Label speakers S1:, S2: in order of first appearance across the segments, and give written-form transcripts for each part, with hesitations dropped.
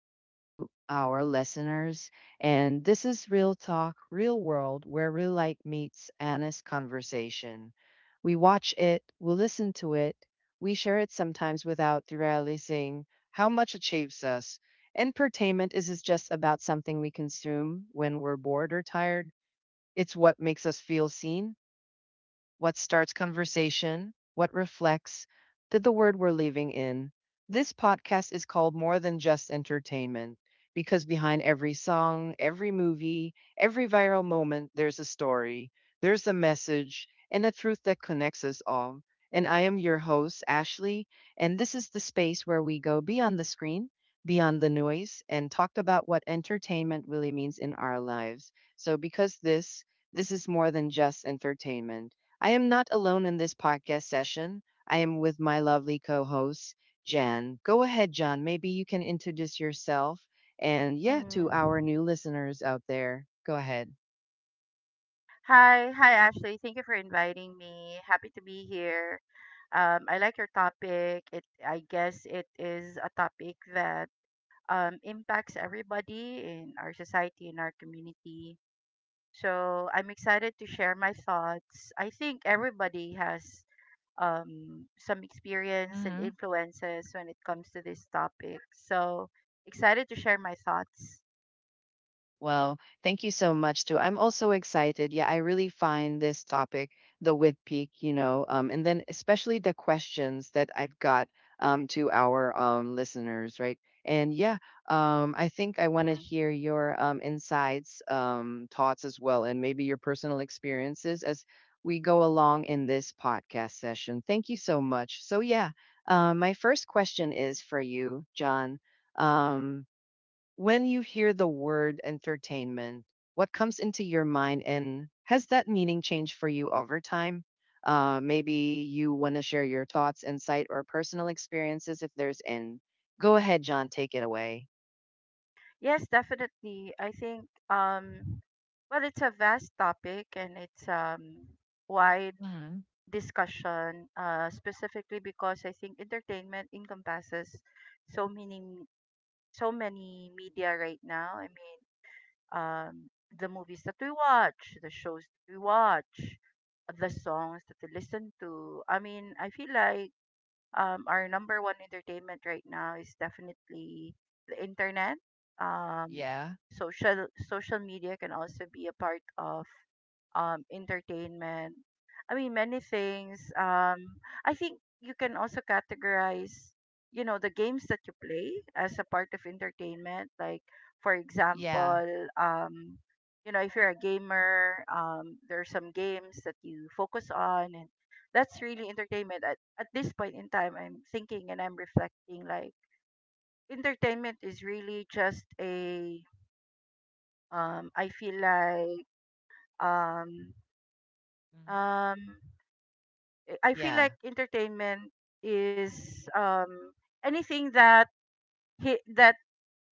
S1: and to our listeners. And this is Real Talk, Real World, where real life meets honest conversation. We watch it, we listen to it, we share it sometimes without realizing how much it shapes us. Entertainment isn't just about something we consume when we're bored or tired, it's what makes us feel seen what starts conversation, what reflects, did the word we're leaving in. This podcast is called More Than Just Entertainment because behind every song, every movie, every viral moment, there's a story, there's a message, and a truth that connects us all. And I am your host, Ashley, and this is the space where we go beyond the screen, beyond the noise, and talk about what entertainment really means in our lives. So, this is more than just entertainment. I am not alone in this podcast session. I am with my lovely co host, Jan. Go ahead, Jan. Maybe you can introduce yourself and, yeah, to
S2: Mm.
S1: our new listeners out there. Go ahead.
S2: Hi, Ashley, thank you for inviting me. Happy to be here. I like your topic. I guess it is a topic that impacts everybody in our society, in our community. So I'm excited to share my thoughts. I think everybody has some experience and influences when it comes to this topic. So excited to share my thoughts.
S1: Well, thank you so much too. I'm also excited. Yeah, I really find this topic, the width peak, and then especially the questions that I've got to our listeners, right? And yeah, I think I want to
S2: Mm-hmm.
S1: hear your insights, thoughts as well, and maybe your personal experiences as we go along in this podcast session. Thank you so much. So yeah, my first question is for you, John. Um, when you hear the word entertainment, what comes into your mind, and has that meaning changed for you over time? Maybe you want to share your thoughts, insight, or personal experiences if there's any. Go ahead, John, take it away.
S2: Yes, definitely. I think well it's a vast topic and it's wide
S1: Mhm.
S2: discussion specifically because I think entertainment encompasses so many so many media right now. I mean, um the movies that we watch, the shows that we watch, the songs that we listen to. I mean, I feel like our number one entertainment right now is definitely the internet. Um,
S1: Yeah,
S2: social media can also be a part of entertainment. I mean, many things. I think you can also categorize, you know, the games that you play as a part of entertainment. Like, for
S1: yeah,
S2: example, you know, if you're a gamer, there are some games that you focus on, and that's really entertainment. At this point in time I'm thinking and I'm reflecting like entertainment is really just a um i feel like um um
S1: mhm,
S2: i I feel
S1: yeah,
S2: like entertainment is anything that that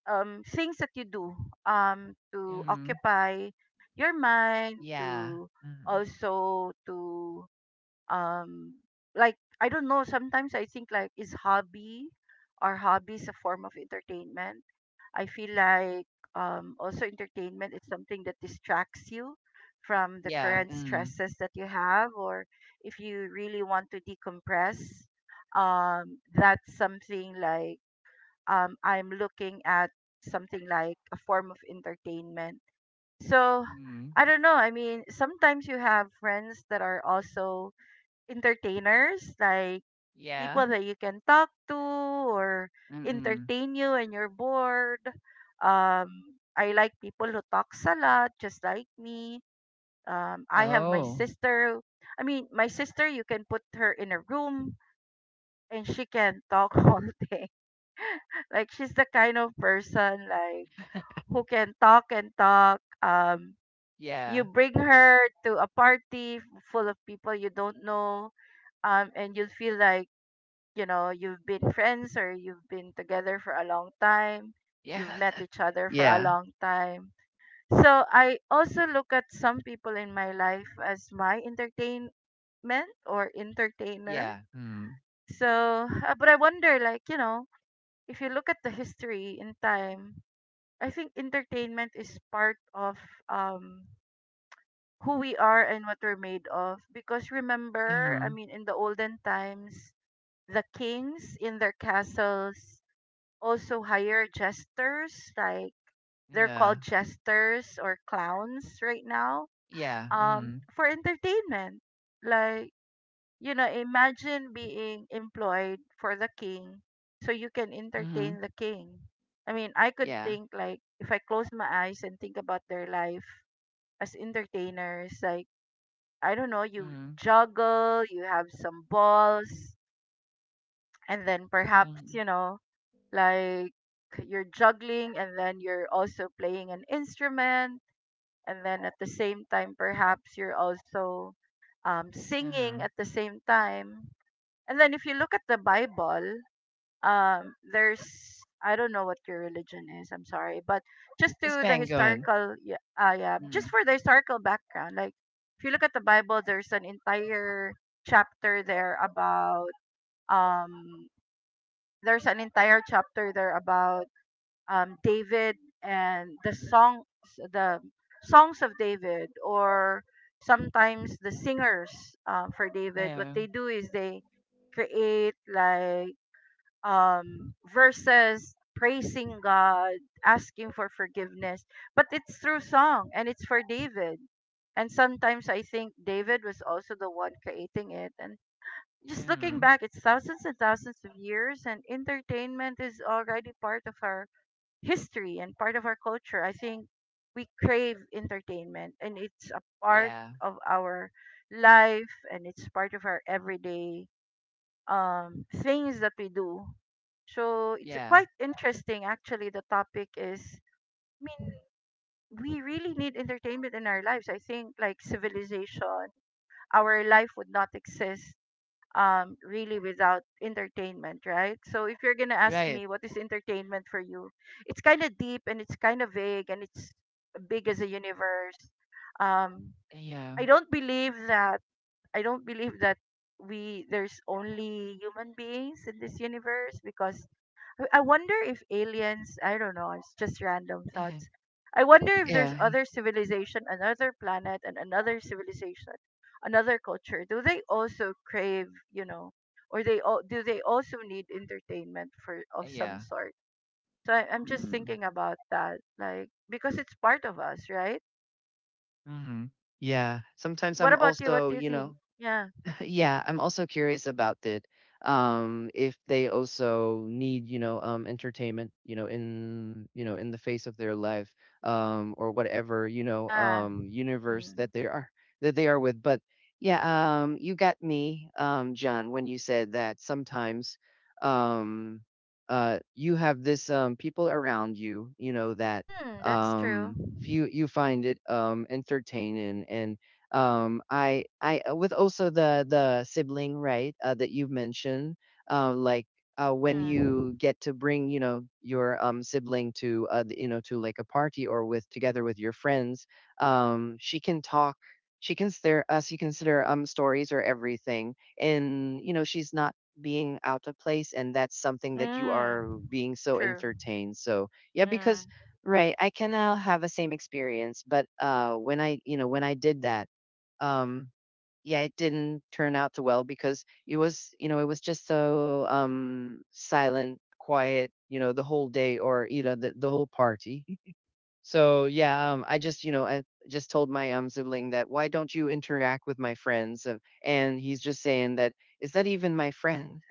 S2: things that you do to
S1: mhm,
S2: occupy your mind to also to um like I don't know, sometimes I think like is hobby or hobbies a form of entertainment. I feel like also entertainment is something that distracts you from the
S1: yeah,
S2: current
S1: mhm,
S2: stresses that you have, or if you really want to decompress, that's something like I'm looking at something like a form of entertainment. So
S1: yeah, mhm, mhm,
S2: I don't know. I mean, sometimes you have friends that are also entertainers, like
S1: yeah,
S2: people that you can talk to or
S1: mhm.
S2: entertain you when you're bored. I like people who talks a lot, just like me. I have my
S1: Oh.
S2: sister. I mean, my sister, you can put her in a room and she can talk all day. Like she's the kind of person like who can talk and talk. You
S1: Yeah,
S2: bring her to a party full of people you don't know, and you feel like you know, you've been friends or you've been together for a long time, you've
S1: yeah,
S2: met each other for a
S1: yeah,
S2: long time. So I also look at some people in my life as my entertainment or entertainer.
S1: yeah. Mm-hmm.
S2: So, but I wonder, like, you know, if you look at the history in time, I think entertainment is part of um, who we are and what we're made of. Because remember, I mean, in the olden times, the kings in their castles also hire jesters, like they're called
S1: Mm-hmm.
S2: jesters or clowns right now,
S1: Yeah, mhm,
S2: for entertainment. Like, you know, imagine being employed for the king so you can
S1: mhm,
S2: entertain the king. I mean, I could
S1: yeah,
S2: think like if I close my eyes and think about their life as entertainers, like, I don't know, you
S1: mhm,
S2: juggle, you have some balls, and then perhaps,
S1: mhm,
S2: you know, like you're juggling and then you're also playing an instrument and then at the same time perhaps you're also singing
S1: mhm.
S2: at the same time. And then if you look at the bible there's I don't know what your religion is, I'm sorry, but just
S1: It's
S2: to the
S1: been good.
S2: historical, yeah, yeah, just
S1: Mm,
S2: for the historical background like if you look at the bible there's an entire chapter there about um there's an entire chapter there about David and the songs of David, or sometimes the singers for David. What
S1: yeah,
S2: they do is they create like verses praising God, asking for forgiveness, but it's through song and it's for David. And sometimes I think David was also the one creating it. And just looking
S1: mhm,
S2: back, it's thousands and thousands of years, and entertainment is already part of our history and part of our culture. I think we crave entertainment and it's a part
S1: yeah,
S2: of our life and it's part of our everyday things that we do. So it's
S1: yeah,
S2: quite interesting actually, the topic is, I mean, we really need entertainment in our lives. I think like civilization, our life would not exist really without entertainment, right? So if you're gonna ask
S1: right,
S2: me what is entertainment for you, it's kind of deep and it's kind of vague and it's big as a universe. Um
S1: yeah,
S2: I don't believe that I don't believe that we there's only human beings in this universe because I wonder if aliens, I don't know, it's just random thoughts. I wonder if there's
S1: yeah,
S2: other civilization, another planet and another civilization, another culture. Do they also crave, you know, or they all do they also need entertainment for of some
S1: yeah,
S2: sort? So I'm just
S1: mm,
S2: thinking about that, like because it's part of us, right?
S1: mhm, yeah. Sometimes
S2: What
S1: I'm
S2: about you? What
S1: also,
S2: do you
S1: you know,
S2: think? Yeah,
S1: Yeah, I'm also curious about it. If they also need, entertainment, in the face of their life, or whatever,
S2: yeah.
S1: universe
S2: Mm.
S1: that they are with. But yeah, you got me, John, when you said that sometimes, um, you have this people around you, you know, that
S2: Mm, that's true.
S1: um you find it entertaining and I with also the sibling, right, that you've mentioned, like when
S2: Mm,
S1: you get to bring, you know, your sibling to, you know, to like a party or with together with your friends, she can talk. She can consider you consider stories or everything, and you know she's not being out of place, and that's something that you are
S2: mm,
S1: being so
S2: true.
S1: entertained. So yeah,
S2: Mm.
S1: because right. I can now have the same experience, but when I, you know, when I did that, um, yeah, it didn't turn out too well because it was, you know, it was just so silent, quiet, you know, the whole day or you know, the whole party. So yeah, I just told my sibling that why don't you interact with my friends? And he's just saying that is that even my friend?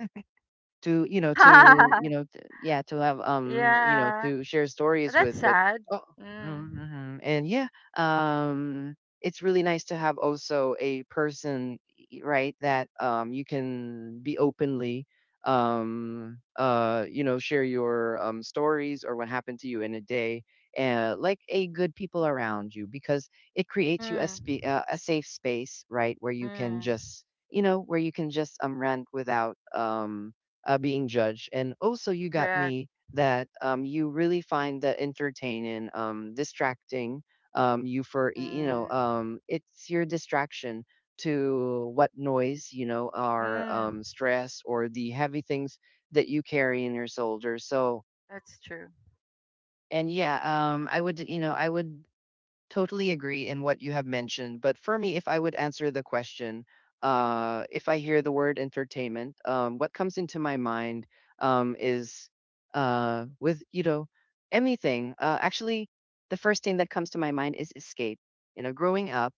S1: To you know to you know to, yeah to have
S2: Yeah.
S1: to share stories with
S2: That's
S1: but
S2: sad.
S1: oh
S2: Mm.
S1: mm-hmm. And yeah um it's really nice to have also a person right that you can be openly you know share your stories or what happened to you in a day like a good people around you because it creates you a
S2: Mm.
S1: a safe space right where you can
S2: Mm.
S1: just you know where you can just rant without being judged. And also, you got
S2: Correct.
S1: me that you really find that entertaining, distracting you know,
S2: Mm.
S1: it's your distraction to what noise, you know, are
S2: Mm.
S1: stress or the heavy things that you carry in your shoulder. So,
S2: That's true.
S1: and yeah, I would totally agree in what you have mentioned. But for me, if I would answer the question, if I hear the word entertainment, what comes into my mind is with, you know, anything. Actually, the first thing that comes to my mind is escape. You know, growing up,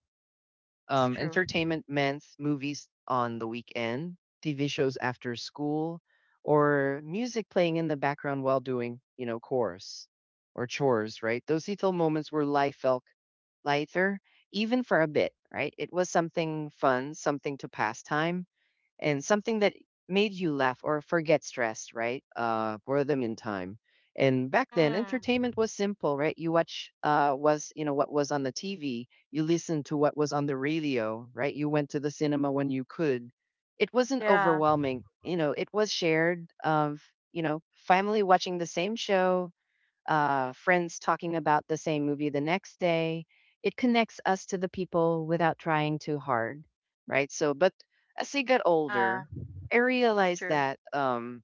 S2: That's true.
S1: entertainment meant movies on the weekend, TV shows after school, or music playing in the background while doing, you know, chores, right? Those little moments where life felt lighter, even for a bit, right? It was something fun, something to pass time, and something that made you laugh or forget stress, right? Boredom in time. And back then,
S2: Mm.
S1: entertainment was simple, right? You know what was on the TV, you listened to what was on the radio, right? You went to the cinema when you could. It wasn't
S2: Yeah.
S1: overwhelming, you know. It was shared of you know family watching the same show, friends talking about the same movie the next day. It connects us to the people without trying too hard, right? So, but as I got
S2: Yeah.
S1: older, I
S2: It's
S1: realized
S2: true.
S1: that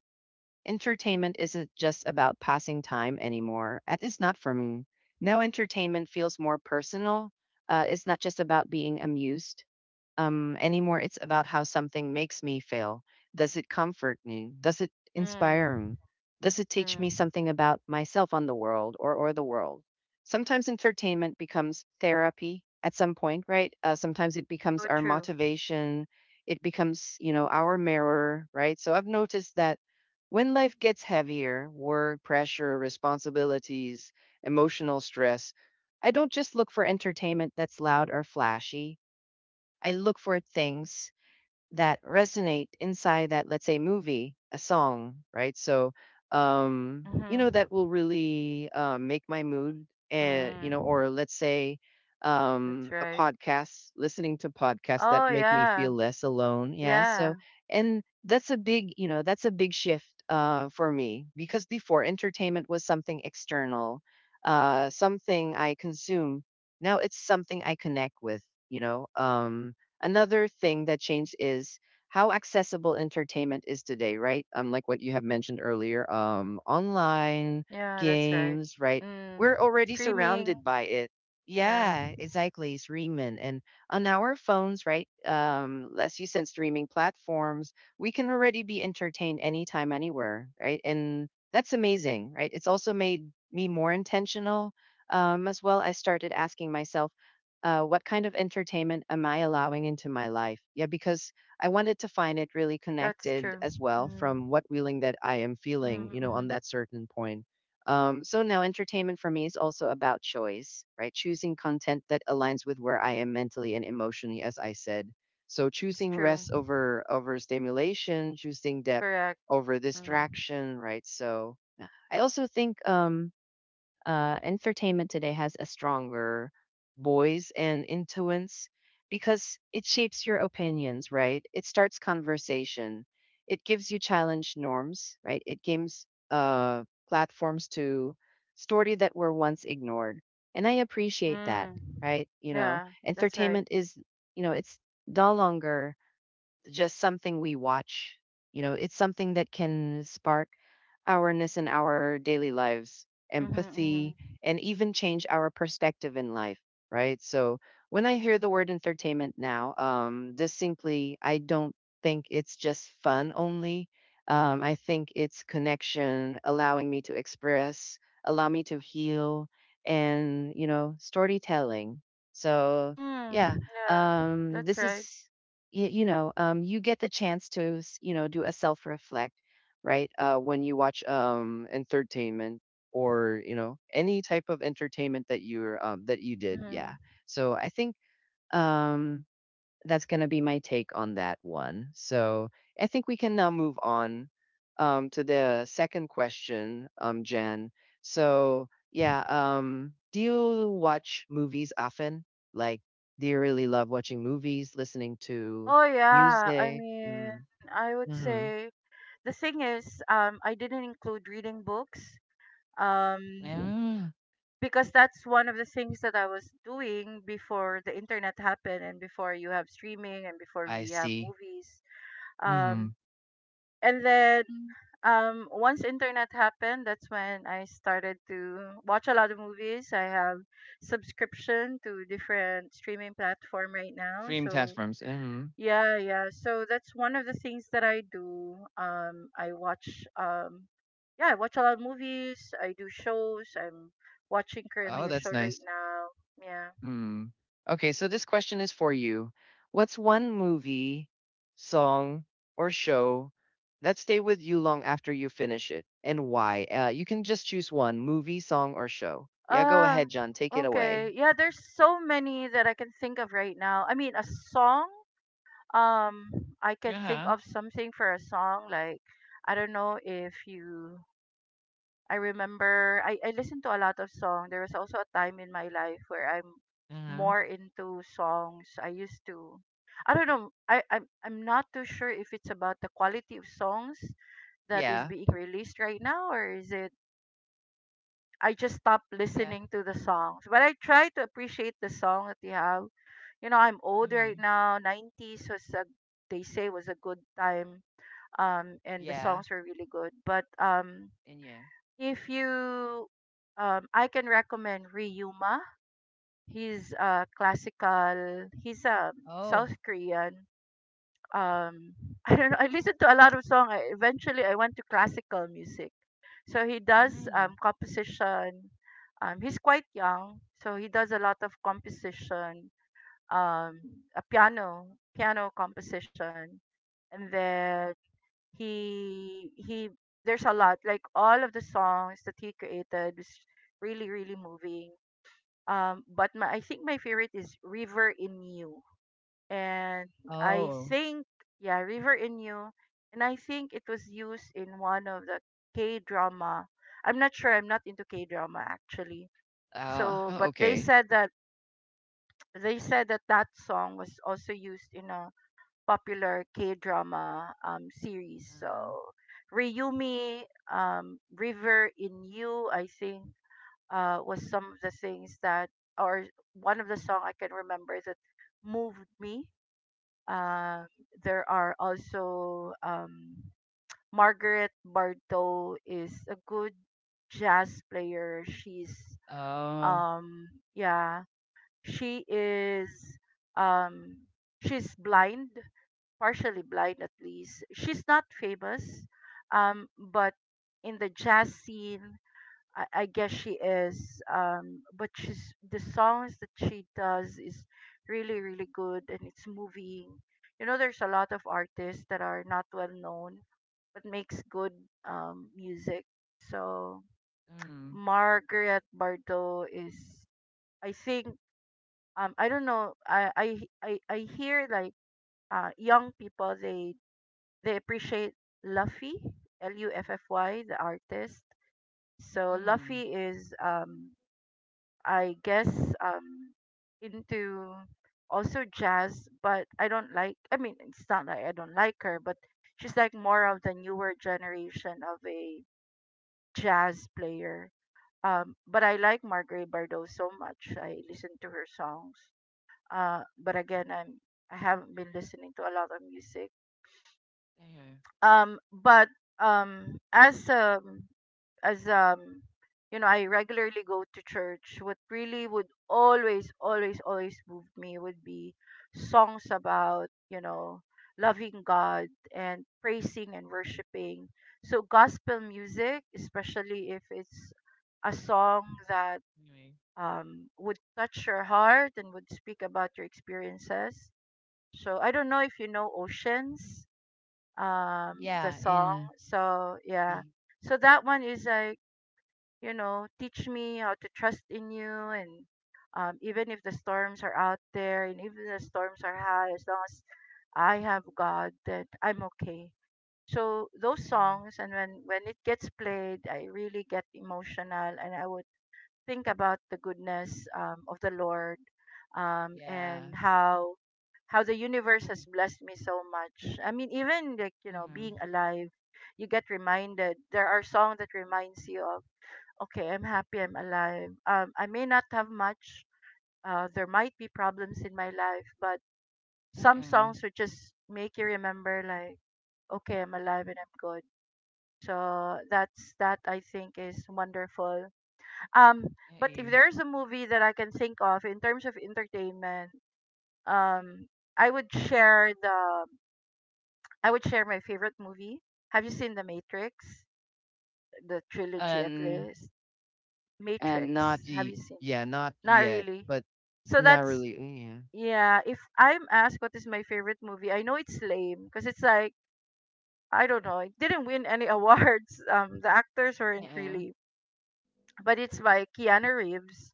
S1: entertainment isn't just about passing time anymore. At least not for me. Now, entertainment feels more personal. It's not just about being amused anymore. It's about how something makes me feel. Does it comfort me? Does it
S2: Mm.
S1: inspire me? Does it teach me
S2: Mm.
S1: something about myself on the world or the world? Sometimes entertainment becomes therapy at some point, right? Sometimes it becomes
S2: So
S1: our
S2: true.
S1: motivation. It becomes, you know, our mirror, right? So I've noticed that when life gets heavier, work, pressure, responsibilities, emotional stress, I don't just look for entertainment that's loud or flashy. I look for things that resonate inside that, let's say, movie, a song, right? So,
S2: Mm-hmm.
S1: that will really make my mood, and you know,
S2: Mm.
S1: or let's say,
S2: That's
S1: a
S2: right.
S1: podcast, listening to podcasts that
S2: Oh
S1: make me
S2: yeah.
S1: feel less alone. Yeah. So,
S2: Yeah.
S1: and that's a big, you know, that's a big shift for me because before entertainment was something external, something I consume. Now it's something I connect with. You know, um, Another thing that changed is how accessible entertainment is today, right? Like what you have mentioned earlier, online
S2: Yeah, that's right.
S1: games, right?
S2: Mm.
S1: We're already
S2: Streaming.
S1: surrounded by it.
S2: Yeah.
S1: Yeah, exactly. Streaming and on our phones, right? As you said, streaming platforms, we can already be entertained anytime, anywhere, right? And that's amazing, right? It's also made me more intentional as well. I started asking myself what kind of entertainment am I allowing into my life? Yeah, because I wanted to find it really
S2: That's
S1: connected
S2: true.
S1: as well
S2: Mm.
S1: from what feeling that I am feeling, you know, on
S2: Mm-hmm.
S1: that certain point. So now entertainment for me is also about choice, right? Choosing content that aligns with where I am mentally and emotionally, as I said. So
S2: That's
S1: choosing
S2: true.
S1: rest over stimulation, choosing depth
S2: Correct.
S1: over
S2: Mm.
S1: distraction, right? So I also think entertainment today has a stronger voice and influence because it shapes your opinions, right? It starts conversation. It gives you challenge norms, right? It gives platforms to story that were once ignored. And I appreciate that,
S2: Mm.
S1: right? You know,
S2: Yeah, that's right.
S1: entertainment is, you know, it's no longer just something we watch. You know, it's something that can spark awareness in our daily lives,
S2: Mm-hmm,
S1: empathy,
S2: hmm.
S1: and even change our perspective in life, right? So when I hear the word entertainment now, distinctly, I don't think it's just fun only. I think it's connection, allowing me to express, allow me to heal, and you know, storytelling. So
S2: Mm.
S1: yeah,
S2: Yeah, that's
S1: this is
S2: right.
S1: you, you know, you get the chance to, you know, do a self reflect, right? When you watch entertainment or you know any type of entertainment that you're that you did, yeah.
S2: Mm.
S1: So I think um, that's gonna be my take on that one. So I think we can now move on to the second question, Jen. So yeah, do you watch movies often? Like, do you really love watching movies, listening to
S2: Oh yeah, I
S1: music?
S2: mean,
S1: Mm,
S2: I would
S1: hmm.
S2: say the thing is, I didn't include reading books, um,
S1: Yeah,
S2: because that's one of the things that I was doing before the internet happened and before you have streaming and before
S1: I
S2: we have
S1: see.
S2: movies. Um,
S1: Mm.
S2: And then once internet happened, that's when I started to watch a lot of movies. I have subscription to different streaming platform right now.
S1: Stream
S2: So
S1: platforms. Mm,
S2: yeah, yeah. So that's one of the things that I do. I watch yeah, I watch a lot of movies. I do shows. I'm watching currently
S1: oh,
S2: a show
S1: that's nice.
S2: right now. Yeah.
S1: Hmm. Okay, so this question is for you. What's one movie, song, or show that stay with you long after you finish it, and why? You can just choose one movie, song, or show. Yeah, go
S2: Ah,
S1: ahead, John. Take it
S2: okay.
S1: away.
S2: Yeah, there's so many that I can think of right now. I mean, a song. Um, I can think
S1: Yeah.
S2: of something for a song like I don't know if you I remember I listened to a lot of song. There was also a time in my life where I'm
S1: Uh-huh.
S2: more into songs. I used to I don't know. I'm not too sure if it's about the quality of songs that is
S1: Yeah,
S2: being released right now or is it I just stopped
S1: yeah,
S2: listening to the songs. But I try to appreciate the song that you have. You know, I'm old
S1: alright,
S2: right now. 90s was a, they say was a good time and the
S1: yeah,
S2: songs were really good, but
S1: and yeah.
S2: if you I can recommend Ryuma. He's a classical, he's a
S1: Oh.
S2: South Korean um I don't know, I listened to a lot of song. Eventually I went to classical music, so he does
S1: Mm.
S2: composition. He's quite young, so he does a lot of composition, um a piano composition. And then he there's a lot, like all of the songs that he created was really really moving, but I think my favorite is River In You. And I
S1: Oh.
S2: think, yeah, River In You, and I think it was used in one of the K drama. I'm not sure, I'm not into K drama actually, so but they
S1: Okay.
S2: said that that song was also used in a popular K-drama series. So
S1: Mm.
S2: Ryumi, River In You, I think, was some of the things that, or one of the song I can remember that moved me. Uh, there are also Margaret Bartow is a good jazz player. She's
S1: Oh.
S2: um, yeah, she is um, she's blind, partially blind at least. She's not famous, but in the jazz scene, I guess she is. But she's the songs that she does is really really good and it's moving. You know, there's a lot of artists that are not well known but makes good music. So
S1: Mm.
S2: Margaret Bardot is, I think, I don't know. I hear like young people they appreciate Luffy, L U F F Y, the artist. So
S1: Mm.
S2: Luffy is, I guess, um, into also jazz, but I don't like. I mean, it's not like I don't like her, but she's like more of the newer generation of a jazz player. But I like Marguerite Bardot so much. I listen to her songs. But again, I haven't been listening to a lot of music.
S1: Yeah.
S2: But um as um as I regularly go to church, what really would always move me would be songs about, loving God and praising and worshiping. So gospel music, especially if it's a song that
S1: Anyway.
S2: would touch your heart and would speak about your experiences. So I don't know if you know Oceans, the
S1: Yeah.
S2: song,
S1: And.
S2: so yeah. So that one is like, teach me how to trust in you, and even if the storms are out there, and even the storms are high, as long as I have God that I'm okay. So those
S1: Mhm.
S2: songs, and when it gets played, I really get emotional, and I would think about the goodness of the Lord,
S1: Yeah.
S2: and how the universe has blessed me so much. I mean, even like, being
S1: Mhm.
S2: alive, you get reminded. There are songs that reminds you of, okay, I'm happy, I'm alive. I may not have much. There might be problems in my life, but some
S1: Mm-mm.
S2: songs would just make you remember, like, okay, I'm alive and I'm good. So that's that, I think, is wonderful, um, but if
S1: Mm-mm.
S2: there's a movie that I can think of in terms of entertainment, um, I would share the I would share my favorite movie. Have you seen The Matrix? The trilogy at
S1: And
S2: least.
S1: And not
S2: Matrix. Have you
S1: ye
S2: seen?
S1: yeah, not
S2: Not
S1: yet,
S2: really.
S1: but
S2: So
S1: not
S2: that's
S1: really. Yeah.
S2: Yeah, if I'm asked what is my favorite movie, I know it's lame because it's like, I don't know, it didn't win any awards. The actors weren't
S1: mm
S2: really, but it's by Keanu Reeves.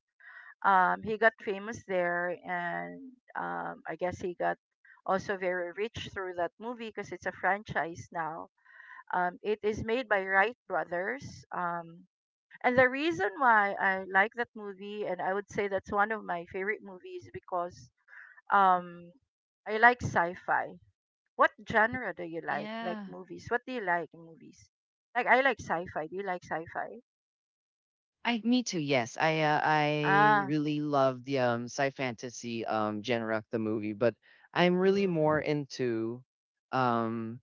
S2: He got famous there, and I guess he got also very rich through that movie because it's a franchise now. It is made by Wright Brothers. And the reason why I like that movie, and I would say that's one of my favorite movies, because um, I like sci-fi. What genre do you like? Like
S1: yeah.
S2: movies? What do you like in movies? Like I like sci-fi. Do you like sci-fi?
S1: I Me too. Yes, I
S2: Ah,
S1: really love the sci fantasy genre of the movie, but I'm really
S2: mm,
S1: more into um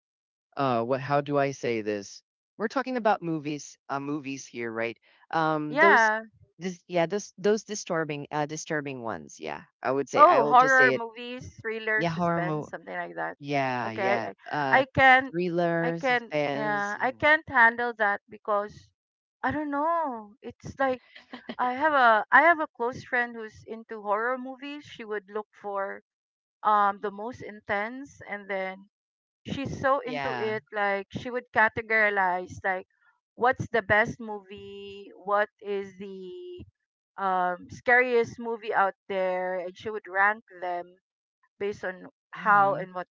S1: what how do I say this? We're talking about movies, movies here, right? Those
S2: yeah.
S1: this yeah those Disturbing ones, yeah. I
S2: Oh,
S1: will just say
S2: horror
S1: it.
S2: movies, thriller,
S1: Yeah, horror
S2: suspense,
S1: movie.
S2: something like that.
S1: Yeah,
S2: Okay,
S1: yeah,
S2: I I can,
S1: thrillers, suspense.
S2: yeah, I
S1: Mm.
S2: can't handle that because I don't know. It's like I have a close friend who's into horror movies. She would look for the most intense, and then she's so into
S1: Yeah.
S2: it. Like she would categorize like what's the best movie, what is the scariest movie out there, and she would rank them based on how
S1: Hmm.
S2: and what.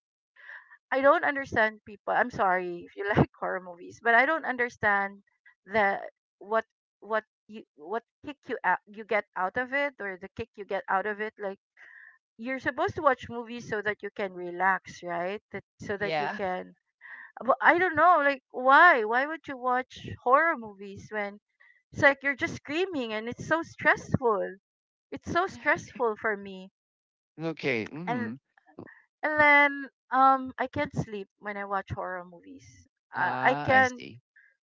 S2: I don't understand people. I'm sorry if you like horror movies, but I don't understand the what what you what kick you out you get out of it or the kick you get out of it. Like you're supposed to watch movies so that you can relax, right? That, so that you
S1: Yeah.
S2: can. But I don't know, like why? Why would you watch horror movies when it's like you're just screaming and it's so stressful. It's so stressful for me.
S1: Okay.
S2: And
S1: Mm.
S2: and then I can't sleep when I watch horror movies. I
S1: Ah, I
S2: can
S1: see.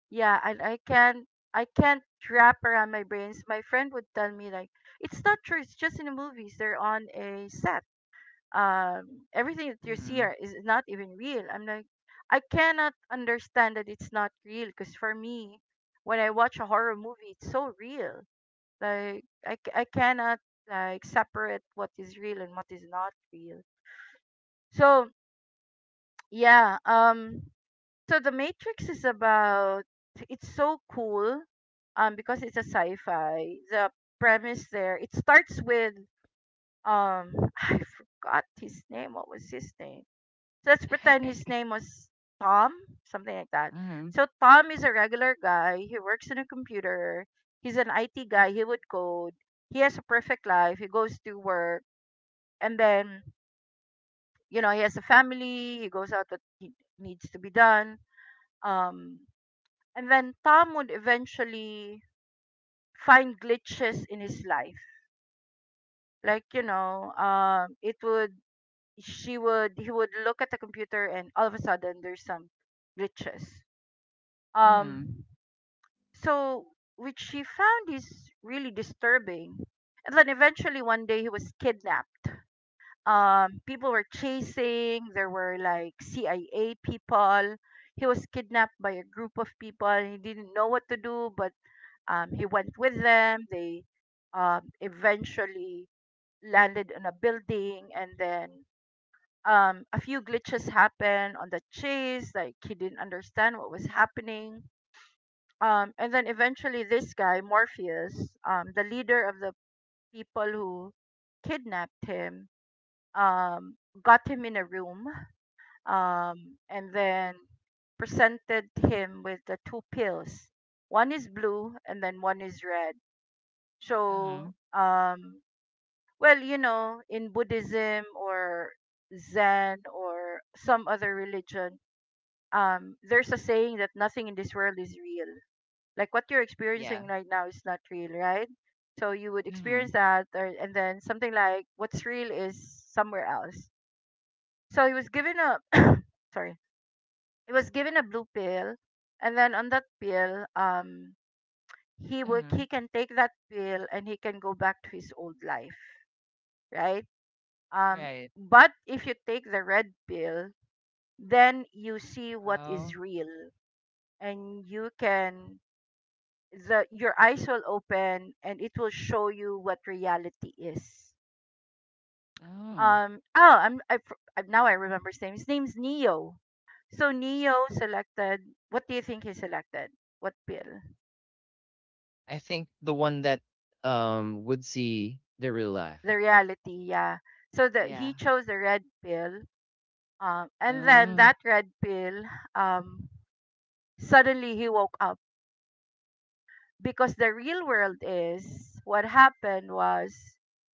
S2: Yeah, and I can't wrap around my brains. My friend would tell me like it's not true, it's just in the movies. They're on a set. Everything that you see
S1: Hmm.
S2: are, is not even real. I'm like, I cannot understand that it's not real, because for me, when I watch a horror movie, it's so real. Like I cannot like separate what is real and what is not real. So yeah. So The Matrix is about. It's so cool. Because it's a sci-fi. The premise there. It starts with um. I forgot his name. What was his name? So let's pretend his name was Tom. Something like that.
S1: Hmm.
S2: So Tom is a regular guy. He works in a computer. He's an IT guy. He would code. He has a perfect life. He goes to work, and then, he has a family. He goes out what he needs to be done. Um, and then Tom would eventually find glitches in his life. Like, you know, it would, she would, he would look at the computer and all of a sudden there's some glitches.
S1: Hmm.
S2: Um, so, which she found is really disturbing. And then eventually one day he was kidnapped. People were chasing, there were like CIA people. He was kidnapped by a group of people and he didn't know what to do, but he went with them. They eventually landed in a building, and then a few glitches happened on the chase. Like he didn't understand what was happening. And then eventually, this guy Morpheus, the leader of the people who kidnapped him, um, got him in a room, and then presented him with the two pills. One is blue, and then one is red.
S1: Hmm.
S2: So, well, you know, in Buddhism or Zen or some other religion, there's a saying that nothing in this world is real. Like what you're
S1: Yeah.
S2: experiencing right now is not real, right? So you would experience
S1: hmm
S2: that, or, and then something like what's real is somewhere else. So he was given a, sorry, he was given a blue pill, and then on that pill,
S1: hmm.
S2: he can take that pill and he can go back to his old life, right? Um,
S1: Right.
S2: but if you take the red pill, then you see what is
S1: Oh.
S2: real, and you can the your eyes will open, and it will show you what reality is.
S1: Oh.
S2: Oh, I'm I, f- I- Now I remember his name. His name's Neo. So Neo selected. What do you think he selected? What pill?
S1: I think the one that would see the real life.
S2: The reality, yeah. So the
S1: Yeah.
S2: he chose the red pill. Um, and then
S1: Uh,
S2: that red pill. Um, Suddenly he woke up, because the real world is, what happened was,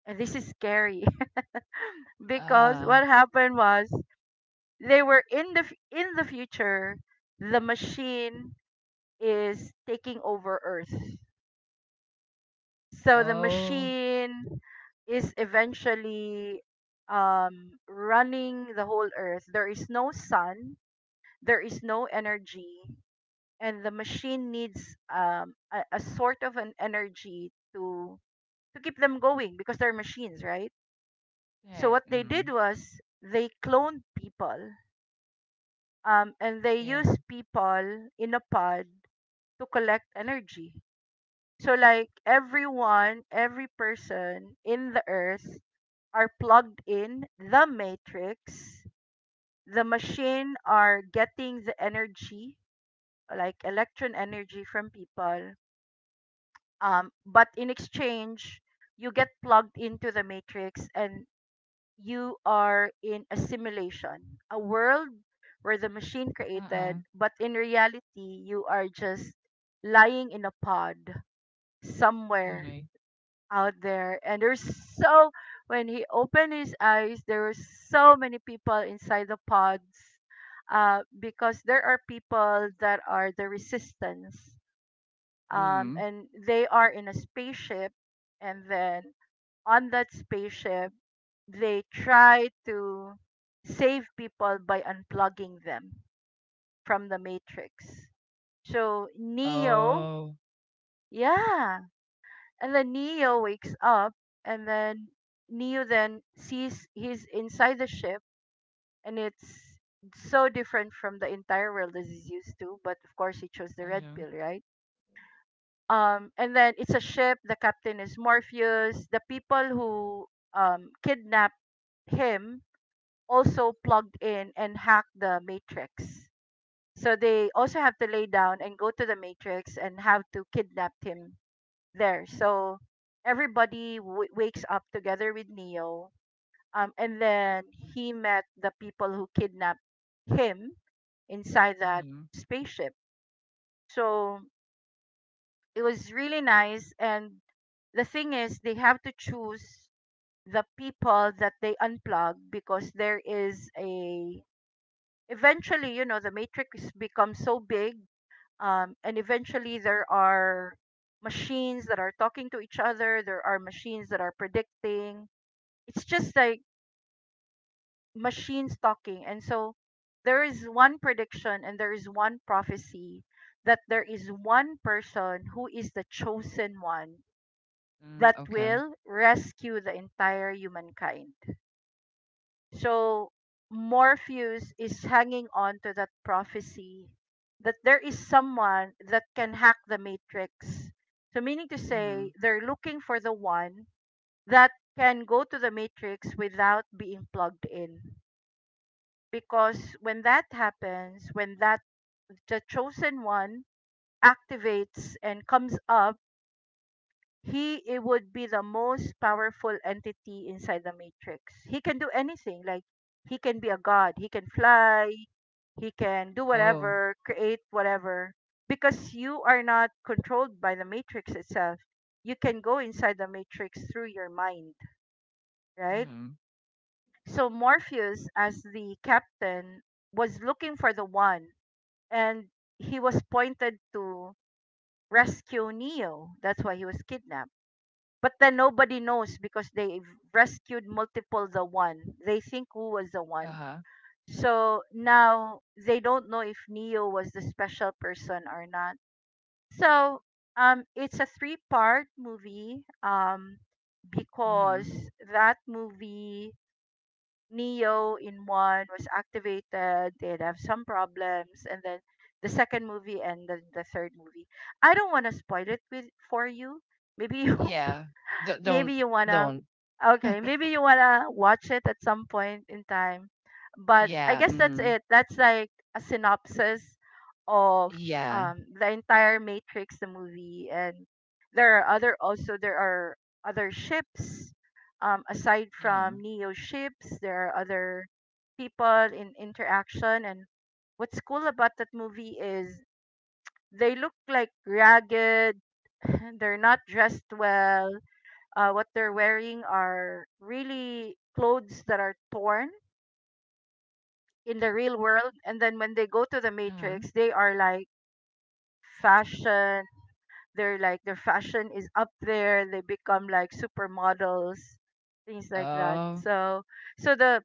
S2: and this is scary, because
S1: uh,
S2: what happened was, they were in the in the future, the machine is taking over earth. So the
S1: oh,
S2: machine is eventually running the whole earth. There is no sun, there is no energy, and the machine needs a sort of an energy to keep them going because they're machines, right? So
S1: that,
S2: what they did was they cloned people, and they
S1: yeah.
S2: used people in a pod to collect energy. So like everyone, every person in the earth are plugged in the matrix. The machine are getting the energy, like electron energy from people. But in exchange, you get plugged into the matrix and you are in a simulation, a world where the machine
S1: Uh-uh.
S2: created, but in reality, you are just lying in a pod somewhere
S1: Okay.
S2: out there. And there's so, when he opened his eyes, there were so many people inside the pods, because there are people that are the resistance,
S1: Mm.
S2: and they are in a spaceship, and then on that spaceship, they try to save people by unplugging them from the matrix. So Neo,
S1: Oh,
S2: yeah, and then Neo wakes up, and then Neo then sees he's inside the ship, and it's so different from the entire world as he's used to. But of course, he chose the red
S1: yeah.
S2: pill, right? And then it's a ship. The captain is Morpheus. The people who kidnapped him also plugged in and hacked the matrix. So they also have to lay down and go to the matrix and have to kidnap him there. So everybody wakes up together with Neo. And then he met the people who kidnapped him inside that
S1: Yeah.
S2: spaceship. So it was really nice. And the thing is, they have to choose the people that they unplug because there is a, eventually, you know, the matrix becomes so big, and eventually there are machines that are talking to each other, there are machines that are predicting. It's just like machines talking, and so there is one prediction and there is one prophecy that there is one person who is the chosen one,
S1: Mm,
S2: that
S1: okay.
S2: will rescue the entire humankind. So Morpheus is hanging on to that prophecy that there is someone that can hack the matrix. So meaning to say
S1: Mm.
S2: they're looking for the one that can go to the matrix without being plugged in. Because when that happens, when that the chosen one activates and comes up, he it would be the most powerful entity inside the matrix. He can do anything, like he can be a god, he can fly, he can do
S1: Oh.
S2: whatever, create whatever, because you are not controlled by the matrix itself. You can go inside the matrix through your mind, right?
S1: Mm.
S2: So Morpheus, as the captain, was looking for the one, and he was pointed to rescue Neo. That's why he was kidnapped. But then nobody knows because they rescued multiple the one. They think who was the one.
S1: Uh-huh.
S2: So now they don't know if Neo was the special person or not. So it's a three-part movie, because
S1: Mm.
S2: that movie, Neo in one was activated, they'd have some problems, and then the second movie and the third movie. I don't want to spoil it with for you. Maybe you
S1: Yeah.
S2: maybe
S1: Don't,
S2: you wanna
S1: don't.
S2: okay, maybe you wanna watch it at some point in time, but I
S1: Yeah.
S2: guess that's
S1: Mm.
S2: it, that's like a synopsis of
S1: Yeah.
S2: the entire Matrix, the movie. And there are other ships, aside from
S1: Mm.
S2: Neo ships, there are other people in interaction. And what's cool about that movie is they look like ragged. They're not dressed well. What they're wearing are really clothes that are torn in the real world, and then when they go to the
S1: Mm.
S2: Matrix, they are like fashion, they're like, their fashion is up there, they become like supermodels, things like that.
S1: Oh,
S2: So so the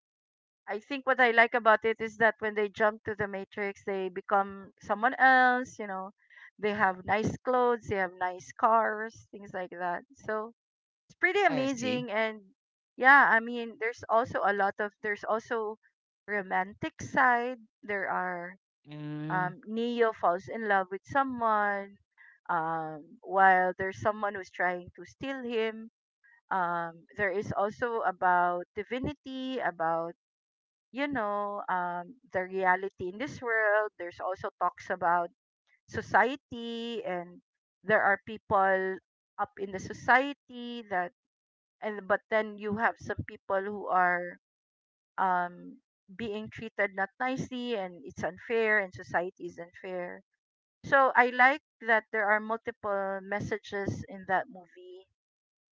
S2: I think what I like about it is that when they jump to the Matrix, they become someone else. They have nice clothes, they have nice cars, things like that. So it's pretty
S1: I see.
S2: amazing. And yeah, I mean, there's also a lot of there's also romantic side. there are
S1: Mm.
S2: um Neo falls in love with someone, while there's someone who's trying to steal him. There is also about divinity, about the reality in this world. There's also talks about society, and there are people up in the society that, and but then you have some people who are um being treated not nicely, and it's unfair, and society is unfair. So I like that there are multiple messages in that movie.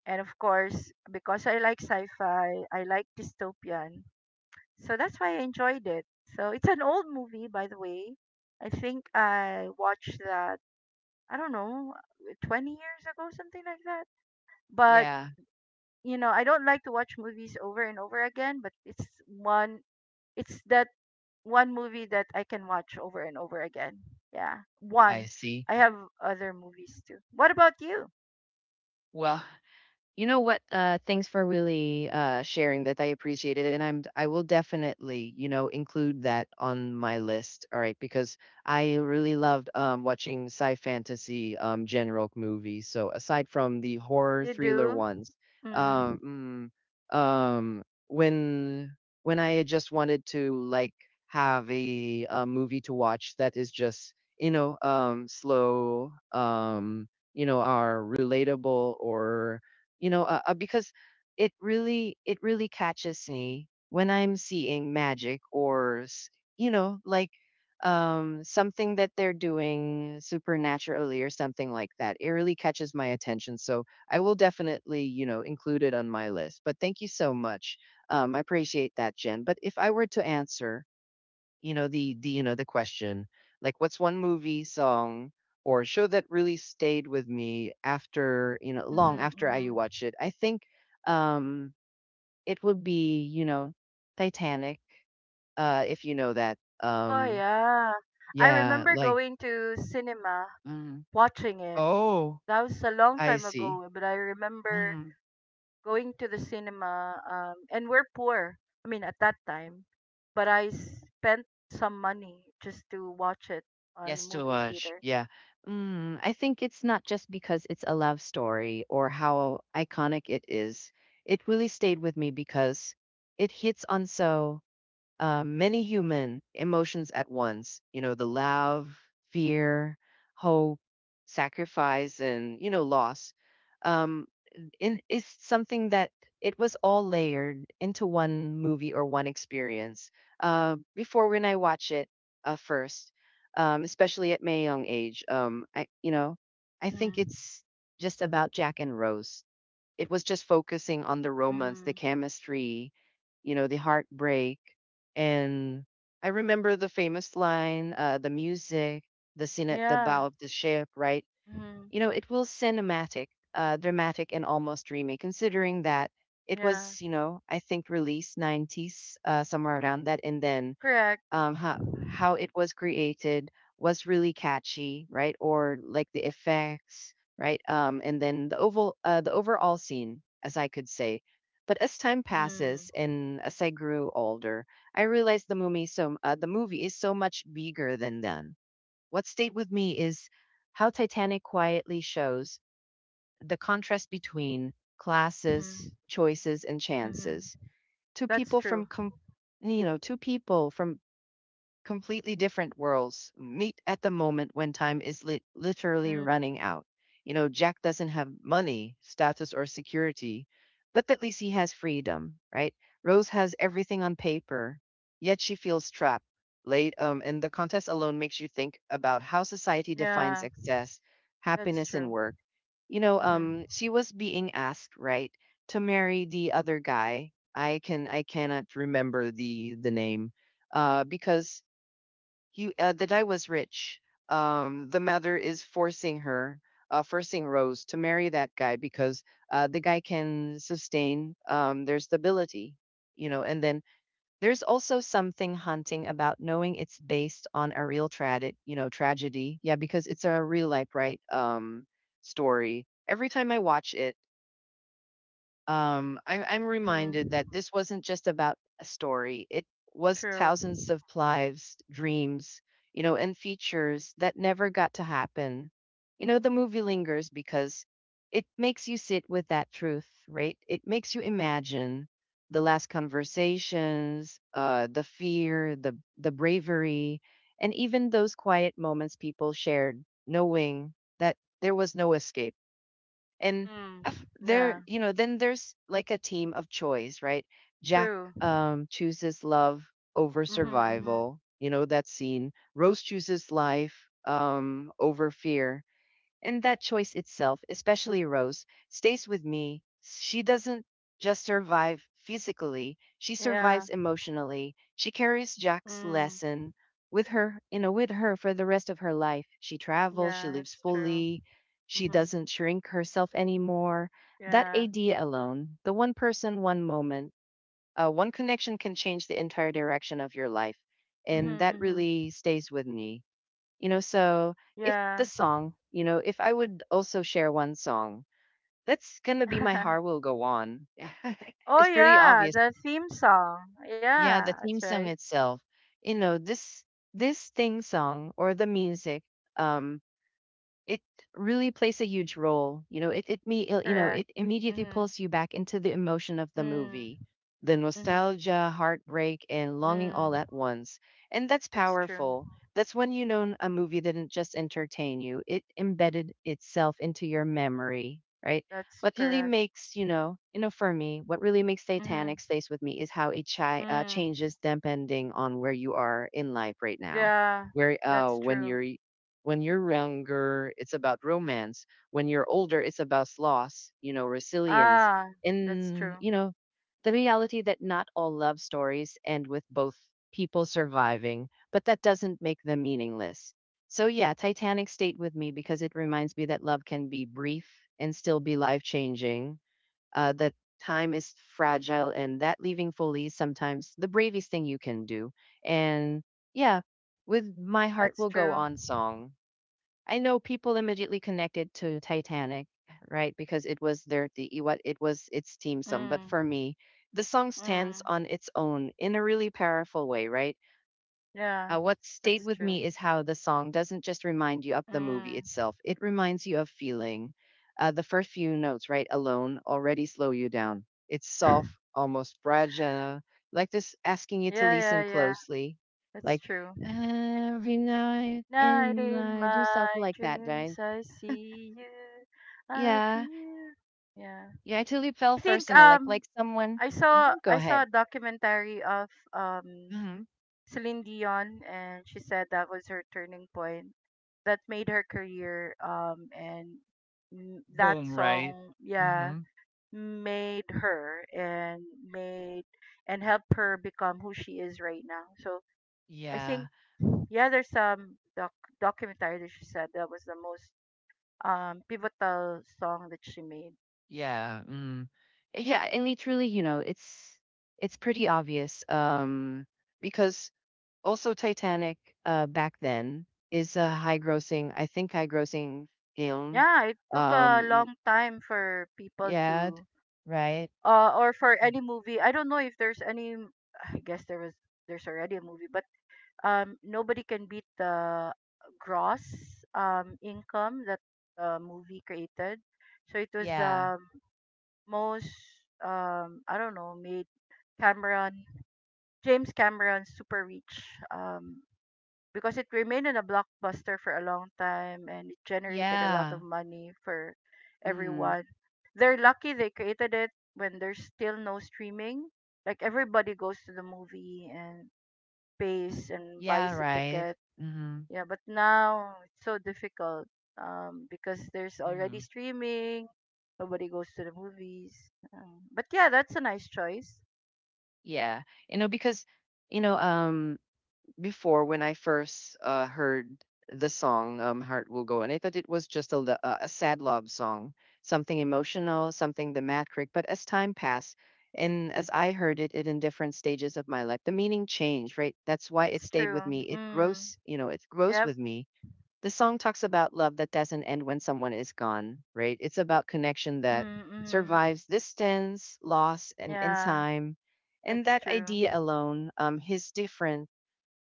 S2: And of course, because I like sci-fi, I like dystopian, so that's why I enjoyed it. So it's an old movie, by the way. I think I watched that, I don't know, 20 years ago, something like that. But
S1: Yeah,
S2: I don't like to watch movies over and over again, but it's that one movie that I can watch over and over again. Yeah.
S1: I
S2: One.
S1: see.
S2: I have other movies too. What about you?
S1: Well, you know what? Thanks for really sharing that. I appreciate it, and I will definitely include that on my list. All right, because I really loved, watching sci fantasy, general movies. So aside from the horror
S2: You
S1: thriller
S2: do?
S1: ones,
S2: Mm.
S1: um, mm, um, when when I just wanted to like have a movie to watch that is just, slow, are relatable, or because it really catches me when I'm seeing magic or like something that they're doing supernaturally or something like that. It really catches my attention, so I will definitely, include it on my list. But thank you so much. I appreciate that, Jen. But if I were to answer, you know, the question, like what's one movie, song, or show that really stayed with me after you know
S2: Mm-hmm,
S1: long after I
S2: mm-hmm.
S1: watched it. I think um it would be, you know, Titanic. If you know that.
S2: Oh yeah. I
S1: Yeah,
S2: remember
S1: like.
S2: going to cinema
S1: mm,
S2: watching it.
S1: oh,
S2: That was a long
S1: I
S2: time
S1: see.
S2: ago, but I remember
S1: Mhm.
S2: going to the cinema, and we're poor, I mean, at that time, but I spent some money just to watch it on the
S1: Yes, to
S2: movie
S1: watch.
S2: theater.
S1: Yeah. I think it's not just because it's a love story or how iconic it is. It really stayed with me because it hits on so, many human emotions at once. You know, the love, fear, hope, sacrifice, and loss. Um, in is something that it was all layered into one movie or one experience. Before, when I watch it, first, especially at my young age, I, I think
S2: Mm-hmm.
S1: it's just about Jack and Rose. It was just focusing on the romance, the
S2: Mm-hmm.
S1: chemistry, you know, the heartbreak, and I remember the famous line, the music, the scene at the
S2: Yeah.
S1: bow of the ship, right?
S2: Mm-hmm.
S1: You know, it was cinematic, dramatic, and almost dreamy, considering that it
S2: Yeah.
S1: was, I think, released 90s, somewhere around that. And then,
S2: Correct.
S1: um, how, how it was created was really catchy, right? Or like the effects, right? And then the overall scene, as I could say. But as time passes,
S2: Mm-hmm.
S1: and as I grew older, I realized the movie is so much bigger than that. What stayed with me is how Titanic quietly shows the contrast between classes, choices, and
S2: Mm-hmm.
S1: chances. Two
S2: That's
S1: people
S2: true.
S1: from, com- Two people from completely different worlds meet at the moment when time is literally
S2: Mm.
S1: running out. You know, Jack doesn't have money, status, or security, but at least he has freedom, right? Rose has everything on paper, yet she feels trapped. And the contest alone makes you think about how society defines
S2: Yeah,
S1: success,
S2: that's
S1: happiness,
S2: true.
S1: and work. You know,
S2: Mm-hmm.
S1: she was being asked, right, to marry the other guy. I cannot remember the name, because you the guy was rich. The mother is forcing her, forcing Rose to marry that guy because, the guy can sustain, their stability. And then there's also something haunting about knowing it's based on a real tragedy, you know, tragedy. Yeah, because it's a real life, right? Story. Every time I watch it, I'm
S2: Mm-hmm.
S1: reminded that this wasn't just about a story, it was
S2: True.
S1: thousands of lives, dreams, and features that never got to happen. You know, the movie lingers because it makes you sit with that truth, right? It makes you imagine the last conversations, the fear, the bravery, and even those quiet moments people shared, knowing that there was no escape. and
S2: Mm.
S1: af- there
S2: Yeah,
S1: you know then there's like a team of choice, right? Jack,
S2: true.
S1: chooses love over
S2: Mm-hmm. Mm-hmm.
S1: survival, you know, that scene. Rose chooses life, over fear. And that choice itself, especially Rose, stays with me. She doesn't just survive physically, she
S2: Yeah.
S1: survives emotionally. She carries Jack's
S2: Mm.
S1: lesson with her for the rest of her life. She travels, she
S2: Yeah,
S1: lives
S2: that's true.
S1: fully, she
S2: Mm-hmm.
S1: doesn't shrink herself anymore. That
S2: Yeah.
S1: idea alone, the one person, one moment, one connection can change the entire direction of your life.
S2: Mm-hmm,
S1: And that
S2: mm-hmm.
S1: really stays with me. You know, so, if the
S2: Yeah.
S1: song, you know, if I would also share one song, that's gonna be My Heart Will Go On.
S2: Oh
S1: It's pretty
S2: yeah,
S1: obvious.
S2: the theme song.
S1: Yeah,
S2: Yeah,
S1: the
S2: that's
S1: theme
S2: right.
S1: song itself. You know, this thing song, or the music, um it really plays a huge role. You know, it it me uh, you know
S2: Correct.
S1: it immediately
S2: Mm-hmm.
S1: pulls you back into the emotion of the
S2: Mm.
S1: movie, the
S2: Mm-hmm.
S1: nostalgia, heartbreak, and longing
S2: Mm.
S1: all at once, and that's
S2: That's true.
S1: powerful. That's when you know a movie didn't just entertain you; it embedded itself into your memory, right?
S2: That's
S1: What really
S2: correct.
S1: makes you know For me, what really makes
S2: Mm-hmm.
S1: Titanic stays with me is how it
S2: Mm.
S1: changes depending on where you are in life right now,
S2: Yeah,
S1: where
S2: that's
S1: when
S2: true.
S1: you're when you're younger, it's about romance. When you're older, it's about loss, you know, resilience.
S2: Ah, that's
S1: And,
S2: true.
S1: you know, the reality that not all love stories end with both people surviving, but that doesn't make them meaningless. So, yeah, Titanic stayed with me because it reminds me that love can be brief and still be life changing, that time is fragile, and that leaving fully is sometimes the bravest thing you can do. And yeah, with My Heart
S2: That's
S1: Will Go
S2: true.
S1: On song. I know people immediately connected to Titanic, right? Because it was their the e, what it was its team song. But
S2: Mm.
S1: for me, the song stands
S2: Mm.
S1: on its own in a really powerful way, right?
S2: Yeah,
S1: What stayed
S2: that's
S1: with
S2: true.
S1: me is how the song doesn't just remind you of the movie
S2: Mm.
S1: itself; it reminds you of feeling. The first few notes, right, alone already slow you down. It's soft, almost fragile, like this, asking you to
S2: Yeah, yeah,
S1: listen
S2: yeah.
S1: closely,
S2: That's
S1: like
S2: true.
S1: every night
S2: Night
S1: in
S2: in
S1: my do, something
S2: my
S1: like that, right?
S2: dreams, I see you. I
S1: Yeah.
S2: feel. Yeah.
S1: Yeah, I totally
S2: I
S1: felt
S2: think
S1: personal, like like someone.
S2: I saw
S1: Mhm, go
S2: I saw
S1: ahead.
S2: a documentary of
S1: Hmm.
S2: Celine Dion, and she said that was her turning point that made her career, and that
S1: Boom, right?
S2: song, yeah,
S1: Hmm.
S2: made her, and made, and helped her become who she is right now. So I
S1: Yeah,
S2: think, yeah, there's some documentary that she said that was the most pivotal song that she made.
S1: yeah. Mm. Yeah, and literally, you know, it's pretty obvious. Because also Titanic, back then, is a high grossing, I think high grossing, film.
S2: Yeah, it took a
S1: Um
S2: long time for people
S1: yeah,
S2: to,
S1: right?
S2: or for
S1: Mm.
S2: any movie. I don't know if there's any. I guess there was, there's already a movie, but nobody can beat the gross income that the movie created. So it was
S1: Yeah.
S2: the most, I don't know, made Cameron, James Cameron's super rich, because it remained in a blockbuster for a long time and it generated a lot
S1: Yeah.
S2: of money for
S1: Mm.
S2: everyone. They're lucky they created it when there's still no streaming. Like, everybody goes to the movie and pays and
S1: Yeah,
S2: buys a
S1: right.
S2: ticket.
S1: Hmm.
S2: Yeah, but now it's so difficult, because there's already streaming. Nobody goes to the movies. But yeah, that's a nice choice.
S1: Yeah. You know, because, you know, um, before, when I first, heard the song, Heart Will Go On, I thought it was just a, lo- a sad love song, something emotional, something dramatic. But as time passed, and as I heard it in different stages of my life, the meaning changed, right? That's why it
S2: That's
S1: stayed
S2: true.
S1: with me. It
S2: Mm.
S1: grows, it grows
S2: Yep.
S1: with me. The song talks about love that doesn't end when someone is gone, right? It's about connection that
S2: Mm, mm.
S1: survives distance, loss, and in
S2: Yeah,
S1: time. And
S2: that's
S1: that
S2: true.
S1: idea alone, is different.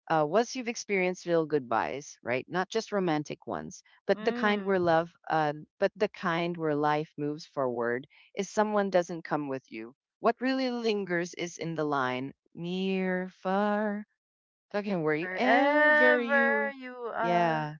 S1: Once you've experienced real goodbyes, right? Not just romantic ones,
S2: Mm.
S1: but the kind where life moves forward is someone doesn't come with you. What really lingers is in the line, near, far, talking wherever you.
S2: Wherever you are.
S1: Yeah.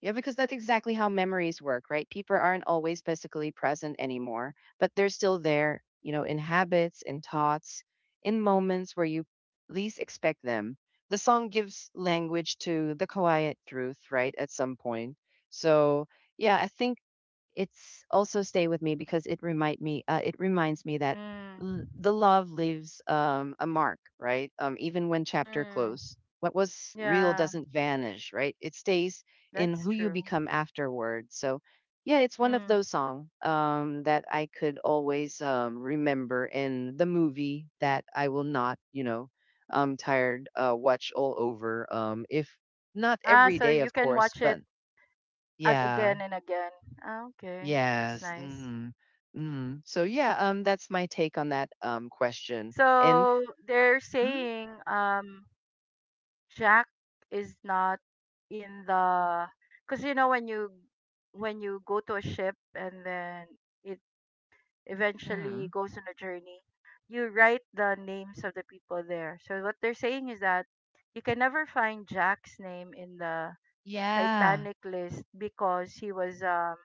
S1: Yeah, because that's exactly how memories work, right? People aren't always physically present anymore, but they're still there, you know, in habits, in thoughts, in moments where you least expect them. The song gives language to the quiet truth, right? At some point. So, yeah, I think it's also stay with me because it reminds me that,
S2: Mm.
S1: the love leaves, a mark, right? Even when chapter
S2: Mm.
S1: close, what was real
S2: Yeah,
S1: doesn't vanish, right? It stays in
S2: that's
S1: who you
S2: true.
S1: become afterward. So, yeah, it's one of
S2: Mm.
S1: those song, that I could always, remember in the movie that I will not, tired, watch all over. If not
S2: Ah,
S1: every
S2: so
S1: day,
S2: you
S1: of
S2: can
S1: course,
S2: watch it
S1: but yeah,
S2: again and again. Ah, okay. That's
S1: Yes.
S2: nice.
S1: Mm. Mm. So yeah, that's my take on that question. And
S2: So they're
S1: mm,
S2: saying, Jack is not in the, because you know, when you go to a ship and then it eventually
S1: mm,
S2: goes on a journey, you write the names of the people there. So what they're saying is that you can never find Jack's name in the
S1: yeah,
S2: Titanic list because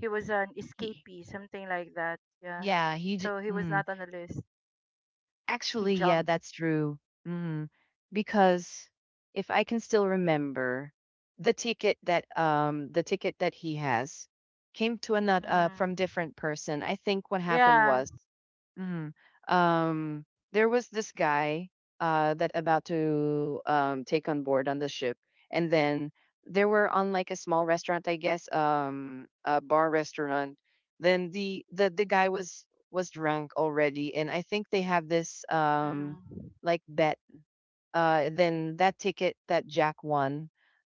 S2: he was an
S1: he,
S2: escapee, something like that. Yeah.
S1: yeah, he.
S2: So he was
S1: Mm.
S2: not on the list. He
S1: Actually, yeah,
S2: jumped.
S1: that's true. Mhm. Because if I can still remember, the ticket that he has came to another,
S2: Mm.
S1: from different person. I think what happened
S2: Yeah.
S1: was. mhm, um there was this guy that about to take on board on the ship, and then they were on like a small restaurant, I guess, a bar restaurant. Then the guy was drunk already, and I think they have this
S2: Mm.
S1: like bet, then that ticket that Jack won,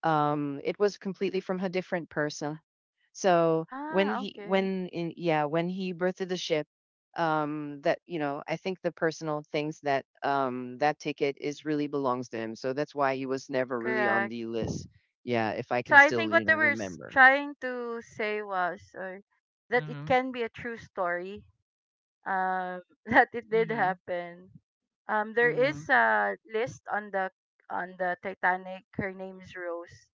S1: it was completely from a different person. So when
S2: Ah,
S1: he
S2: okay.
S1: when in yeah, when he birthed the ship, that, you know, I think the personal things that that ticket is really belongs to him, so that's why he was never really on
S2: Correct.
S1: the list. Yeah, if I can
S2: So I
S1: still,
S2: think what they were
S1: remember.
S2: trying to say was, or that it
S1: Mm-hmm.
S2: can be a true story, that it did
S1: Mm-hmm.
S2: happen. There
S1: Mm-hmm.
S2: is a list on the Titanic. Her name's Rose.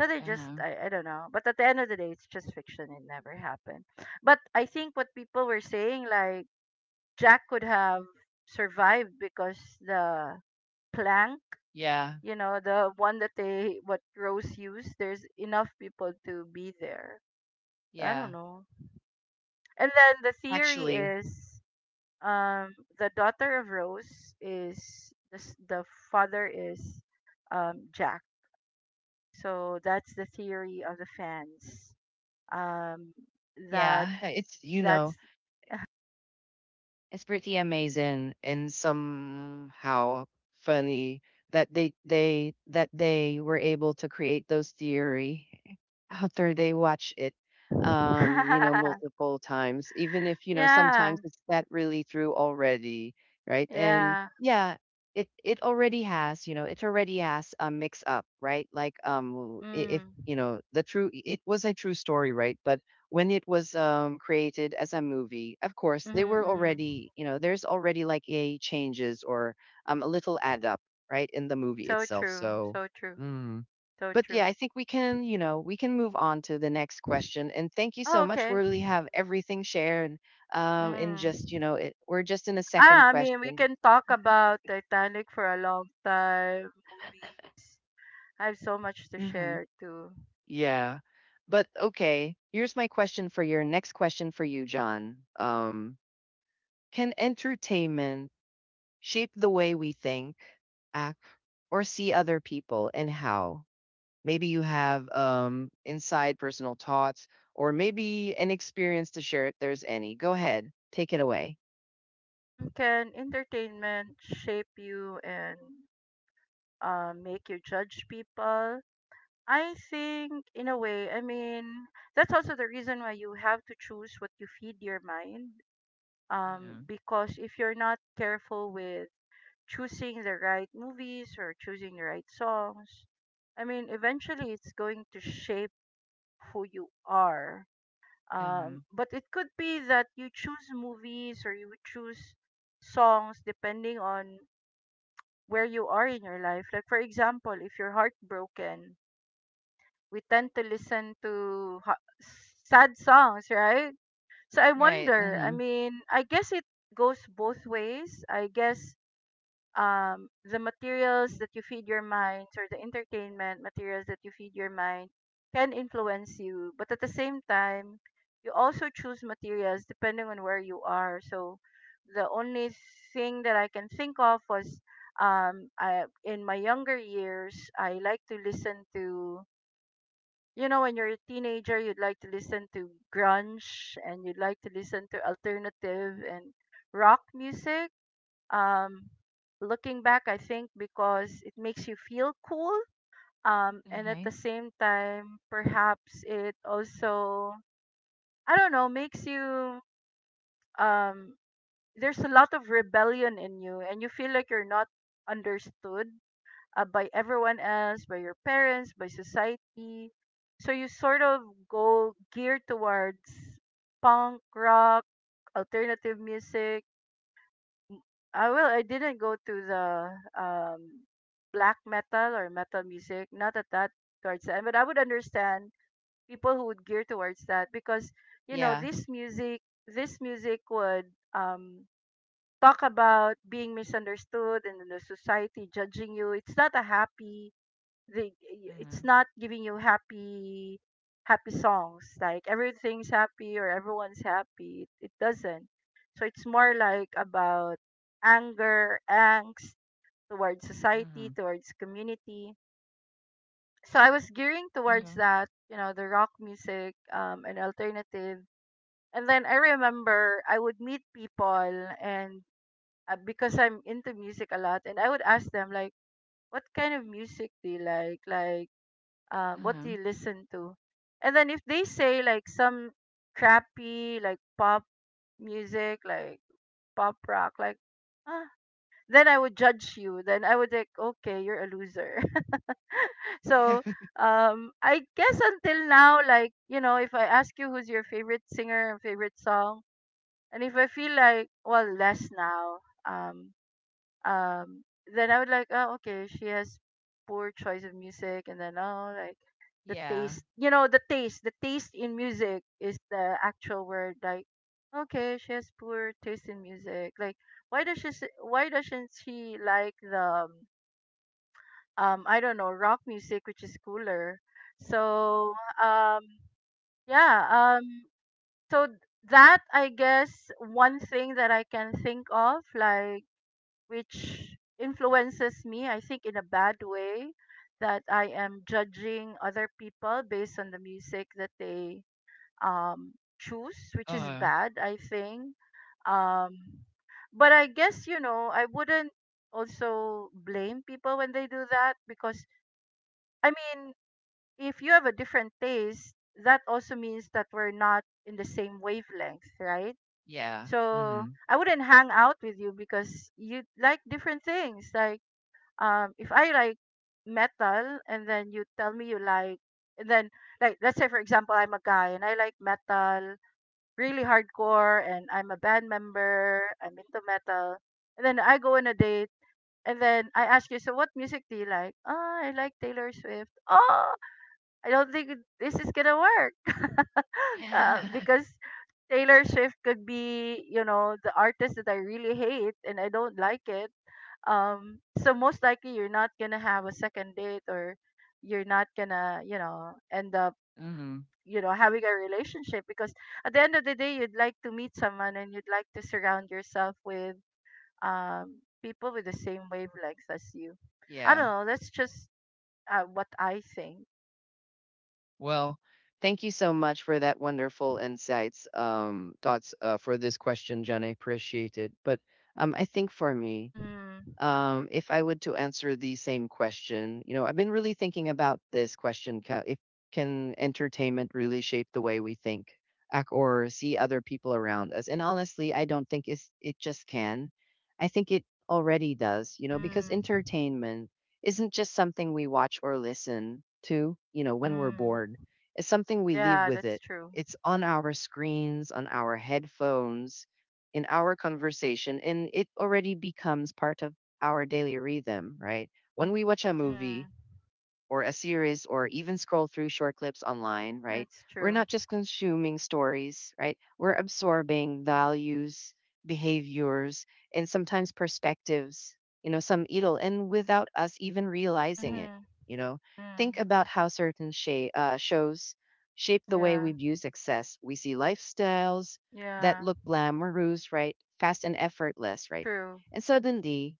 S2: So they just,
S1: Uh-huh.
S2: I don't know. But at the end of the day, it's just fiction. It never happened. But I think what people were saying, like, Jack could have survived because the plank,
S1: Yeah.
S2: you know, the one that they, what Rose used, there's enough people to be there. I
S1: Yeah.
S2: don't know. And then the theory
S1: actually
S2: is, the daughter of Rose is the the father is Jack. So that's the theory of the fans. Um that
S1: Yeah, it's you know
S2: that's
S1: it's pretty amazing and somehow funny that they that they were able to create those theory after they watch it, multiple times, even if, you know,
S2: yeah,
S1: sometimes it's that really through already. Right. And
S2: yeah.
S1: yeah, it already has, you know, it already has a mix up, right? Like if
S2: Mm.
S1: you know, the true, it was a true story, right? But when it was created as a movie, of course,
S2: Mm-hmm,
S1: they were
S2: mm-hmm.
S1: already, you know, there's already like a changes, or a little add up, right, in the movie
S2: So
S1: itself.
S2: true,
S1: So,
S2: so true,
S1: mm.
S2: so
S1: But yeah,
S2: true.
S1: I think we can, you know, we can move on to the next question. And thank you so
S2: Oh,
S1: much. We
S2: okay.
S1: really have everything shared, in just, you
S2: Mm.
S1: know, we're just in a second
S2: Ah, I mean, we
S1: question.
S2: can talk about Titanic for a long time. Movies. I have so much to
S1: hmm
S2: share too.
S1: Yeah. But okay, here's my question for your next question for you, John. Can entertainment shape the way we think, act, or see other people, and how? Maybe you have, inside personal thoughts, or maybe an experience to share if there's any. Go ahead, take it away.
S2: Can entertainment shape you and, make you judge people? I think, in a way, I mean, that's also the reason why you have to choose what you feed your mind.
S1: Mm-hmm.
S2: Because if you're not careful with choosing the right movies or choosing the right songs, I mean, eventually it's going to shape who you are.
S1: Mm-hmm.
S2: But it could be that you choose movies or you choose songs depending on where you are in your life. Like, for example, if you're heartbroken, we tend to listen to sad songs, right? So I
S1: Right.
S2: wonder. I
S1: Mm-hmm.
S2: mean, I guess it goes both ways. I guess, the materials that you feed your mind or the entertainment materials that you feed your mind can influence you. But at the same time, you also choose materials depending on where you are. So the only thing that I can think of was, I, in my younger years, I like to listen to, you know, when you're a teenager, you'd like to listen to grunge and you'd like to listen to alternative and rock music. um, Looking back, I think because it makes you feel cool. And at
S1: Okay.
S2: the same time, perhaps it also, I don't know, makes you, um, there's a lot of rebellion in you, and you feel like you're not understood, by everyone else, by your parents, by society. So you sort of go geared towards punk rock, alternative music, I will. I didn't go to the, um, black metal or metal music. Not at that, towards that, but I would understand people who would gear towards that because you know
S1: Yeah.
S2: this music. This music would, um, talk about being misunderstood and the society judging you. It's not a happy, the
S1: Mm-hmm.
S2: it's not giving you happy, happy songs, like everything's happy or everyone's happy, it doesn't. So it's more like about anger, angst towards society,
S1: Mm-hmm.
S2: towards community. So I was gearing towards that, you know, the rock music, and alternative. And then I remember, I would meet people, and, because I'm into music a lot, and I would ask them, like, what kind of music do you like, what do
S1: Mm-hmm.
S2: you listen to? And then if they say, like, some crappy, like, pop music, like pop rock, like, ah, then I would judge you. Then I would like, okay, you're a loser. So,
S1: Mm-hmm.
S2: I guess until now, like, you know, if I ask you who's your favorite singer and favorite song, and if I feel like, well, less now. Um, um then I would like, oh okay, she has poor choice of music, and then, oh, like the
S1: Yeah.
S2: taste, you know, the taste in music is the actual word, like, okay, she has poor taste in music, like, why does she why doesn't she like the I don't know, rock music, which is cooler. So, um yeah, so that I guess one thing that I can think of, like, which influences me, I think, in a bad way, that I am judging other people based on the music that they, choose, which is
S1: Uh.
S2: bad, I think. Um, but I guess, you know, I wouldn't also blame people when they do that, because, I mean, if you have a different taste, that also means that we're not in the same wavelength, right?
S1: Yeah.
S2: So
S1: Mm-hmm.
S2: I wouldn't hang out with you because you like different things. Like, if I like metal and then you tell me you like and then like let's say for example, I'm a guy and I like metal really hardcore, and I'm a band member. I'm into metal. And then I go on a date and then I ask you, so what music do you like? Oh, I like Taylor Swift. Oh, I don't think this is gonna work. Because Taylor Swift could be, the artist that I really hate and I don't like it. So most likely you're not gonna have a second date, or you're not gonna, end up
S1: Mm-hmm.
S2: having a relationship, because at the end of the day you'd like to meet someone and you'd like to surround yourself with um people with the same wavelengths as you. I don't
S1: Yeah.
S2: know, that's just what I think.
S1: Well, thank you so much for that wonderful insights, thoughts, for this question, Jen. I appreciate it. But I think for me,
S2: Mm.
S1: if I would to answer the same question, you know, I've been really thinking about this question: ca- if can entertainment really shape the way we think, or see other people around us? And honestly, I don't think it's, it just can. I think it already does, you know, because
S2: Mm.
S1: entertainment isn't just something we watch or listen to, you know, when we're
S2: Mm.
S1: bored. It's something we leave
S2: Yeah,
S1: with
S2: that's
S1: it.
S2: true.
S1: It's on our screens, on our headphones, in our conversation, and it already becomes part of our daily rhythm, right? When we watch a movie
S2: Mm.
S1: or a series, or even scroll through short clips online, right?
S2: That's
S1: We're
S2: true.
S1: not just consuming stories, right? We're absorbing values, behaviors, and sometimes perspectives, you know, some idol, and without us even realizing it,
S2: Mm-hmm.
S1: you know?
S2: Mm.
S1: Think about how certain shows shape the way
S2: Yeah.
S1: we view success. We see lifestyles that
S2: Yeah.
S1: look glamorous, right? Fast and effortless, right?
S2: True.
S1: And suddenly,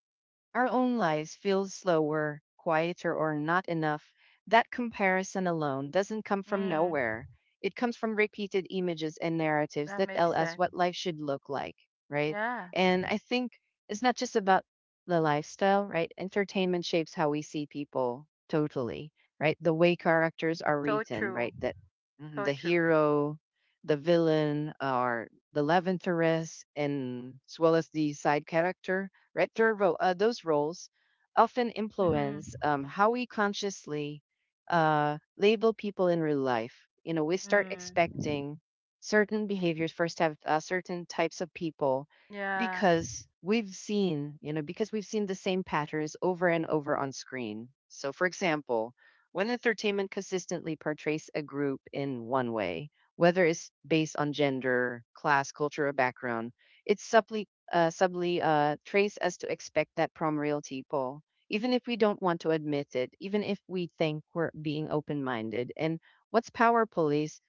S1: our own lives feel slower, quieter, or not enough. That comparison alone doesn't come from
S2: Mm.
S1: nowhere. It comes from repeated images and narratives
S2: That
S1: that
S2: makes
S1: tell us
S2: sense.
S1: what life should look like, right?
S2: Yeah.
S1: And I think it's not just about the lifestyle, right? Entertainment shapes how we see people totally, right? The way characters are
S2: So
S1: written, right?
S2: true. So
S1: The
S2: true.
S1: hero, the villain, or the Levanteress, and as well as the side character, right? Their role, those roles often
S2: Mm-hmm.
S1: influence how we consciously label people in real life. You know, we start
S2: Mm.
S1: expecting certain behaviors, first have, certain types of people
S2: Yeah.
S1: because we've seen, you know, because we've seen the same patterns over and over on screen. So, for example, when entertainment consistently portrays a group in one way, whether it's based on gender, class, culture, or background, it subtly, trace us to expect that from real people, even if we don't want to admit it, even if we think we're being open minded. And what's powerful is,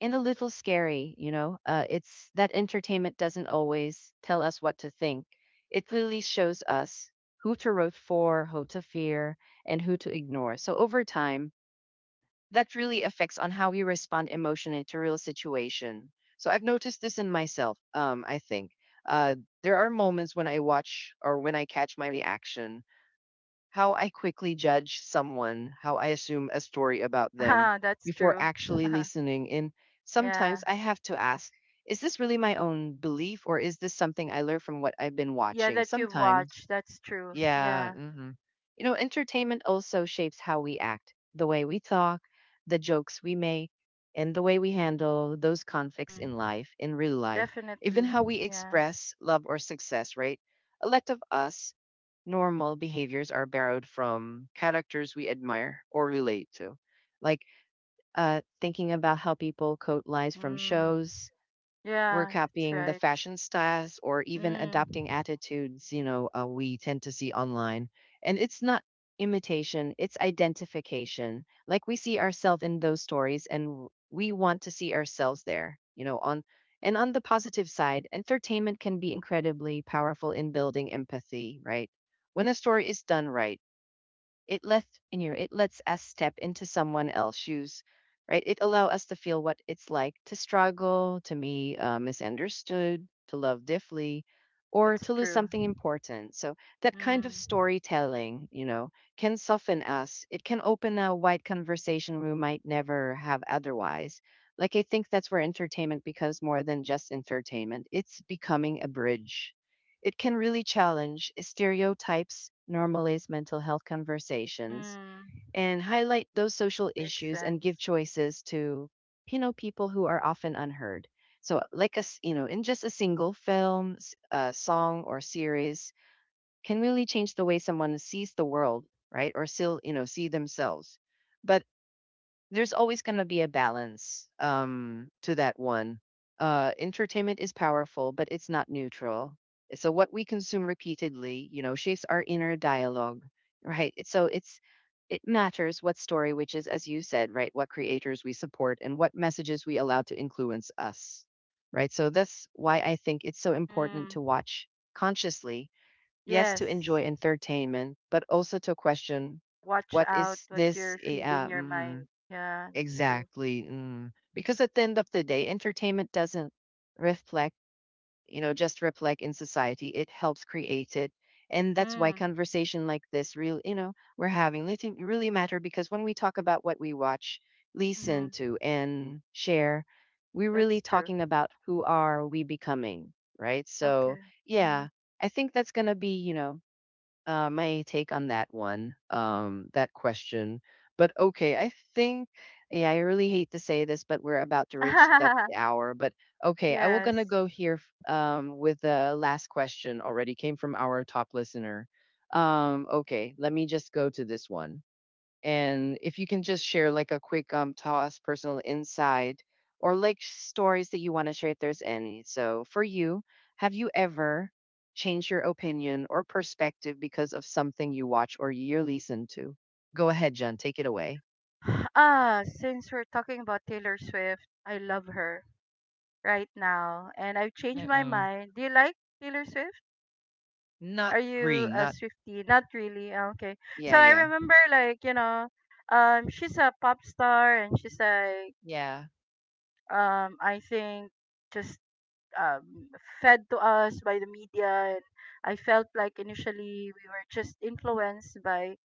S1: and a little scary, you know, it's that entertainment doesn't always tell us what to think. It clearly shows us who to root for, who to fear, and who to ignore. So over time, that really affects on how we respond emotionally to real situation. So I've noticed this in myself. I think, uh, there are moments when I watch or when I catch my reaction, how I quickly judge someone, how I assume a story about them
S2: Ah, that's
S1: before
S2: true.
S1: actually listening. And
S2: Yeah.
S1: sometimes I have to ask, is this really my own belief, or is this something I learned from what I've been
S2: Yeah,
S1: watching?
S2: that you've watched.
S1: Sometimes
S2: That's true.
S1: yeah.
S2: Yeah.
S1: Mhm. You know, entertainment also shapes how we act, the way we talk, the jokes we make, and the way we handle those conflicts
S2: Mm.
S1: in life, in real life, even
S2: Definitely.
S1: how we
S2: Yeah.
S1: express love or success, right? A lot of us normal behaviors are borrowed from characters we admire or relate to. Like, thinking about how people quote lines from
S2: Mm.
S1: shows, we're
S2: Yeah, that's
S1: copying the
S2: right.
S1: fashion styles or even
S2: Mm.
S1: adopting attitudes, you know, we tend to see online. And it's not imitation, it's identification. Like we see ourselves in those stories, and we want to see ourselves there, you know, on and on the positive side, entertainment can be incredibly powerful in building empathy, right? When a story is done right, it lets in you. It lets us step into someone else's shoes, right? It allows us to feel what it's like to struggle, to be, misunderstood, to love differently, or
S2: That's
S1: to lose
S2: true.
S1: something important. So that kind of
S2: Mm.
S1: storytelling, you know, can soften us. It can open a wide conversation we might never have otherwise. Like I think that's where entertainment becomes more than just entertainment. It's becoming a bridge. It can really challenge stereotypes, normalize mental health conversations,
S2: Mm.
S1: and highlight those social
S2: Makes
S1: issues and give
S2: sense.
S1: choices to, you know, people who are often unheard. So, like us, you know, in just a single film, song, or series, can really change the way someone sees the world, right? Or still, you know, see themselves. But there's always going to be a balance, to that one. Entertainment is powerful, but it's not neutral. So what we consume repeatedly, you know, shapes our inner dialogue, right? So it matters what story, which is as you said, right, what creators we support and what messages we allow to influence us, right? So that's why I think it's so important
S2: Mm.
S1: to watch consciously, yes, to
S2: Yes.
S1: enjoy entertainment but also to question
S2: Watch
S1: what
S2: out
S1: is
S2: what
S1: this,
S2: you're
S1: a
S2: feeding your mind. Yeah, that's true.
S1: exactly. Mm. Because at the end of the day, entertainment doesn't reflect, you know, just reflect in society. It helps create it. And that's why
S2: Mm.
S1: conversation like this real, you know, we're having it really matter because when we talk about what we watch, listen
S2: Mm-hmm.
S1: to and share, we're really
S2: That's true.
S1: talking about who are we becoming, right? So,
S2: Okay. Mm.
S1: yeah, I think that's going to be, you know, my take on that one, that question. But okay, I think, yeah, I really hate to say this, but we're about to reach the hour. But okay, I will gonna
S2: Yes.
S1: go here with the last question already came from our top listener. Okay, let me just go to this one. And if you can just share like a quick toss personal insight or like stories that you want to share if there's any. So for you, have you ever changed your opinion or perspective because of something you watch or you listen to? Go ahead, Jen, take it away.
S2: Ah, since we're talking about Taylor Swift, I love her right now, and I've changed my
S1: Uh-uh.
S2: mind. Do you like Taylor Swift?
S1: Not
S2: Are you
S1: green.
S2: a
S1: Not.
S2: Swiftie? Not really. Ah, okay. So
S1: Yeah,
S2: I
S1: yeah.
S2: remember, like she's a pop star, and she's like,
S1: Yeah.
S2: I think just um fed to us by the media, and I felt like initially we were just influenced by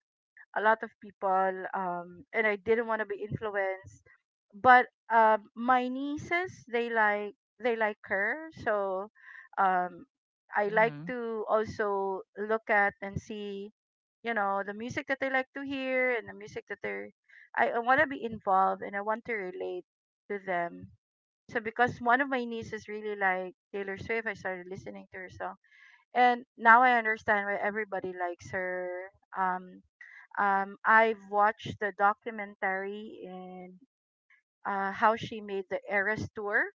S2: a lot of people, and I didn't want to be influenced. But my nieces, they like her. So um, I like
S1: Mm.
S2: to also look at and see, the music that they like to hear and the music that they're. I want to be involved and I want to relate to them. So because one of my nieces really like Taylor Swift, I started listening to her song, and now I understand why everybody likes her. I've watched the documentary in how she made the Eras tour,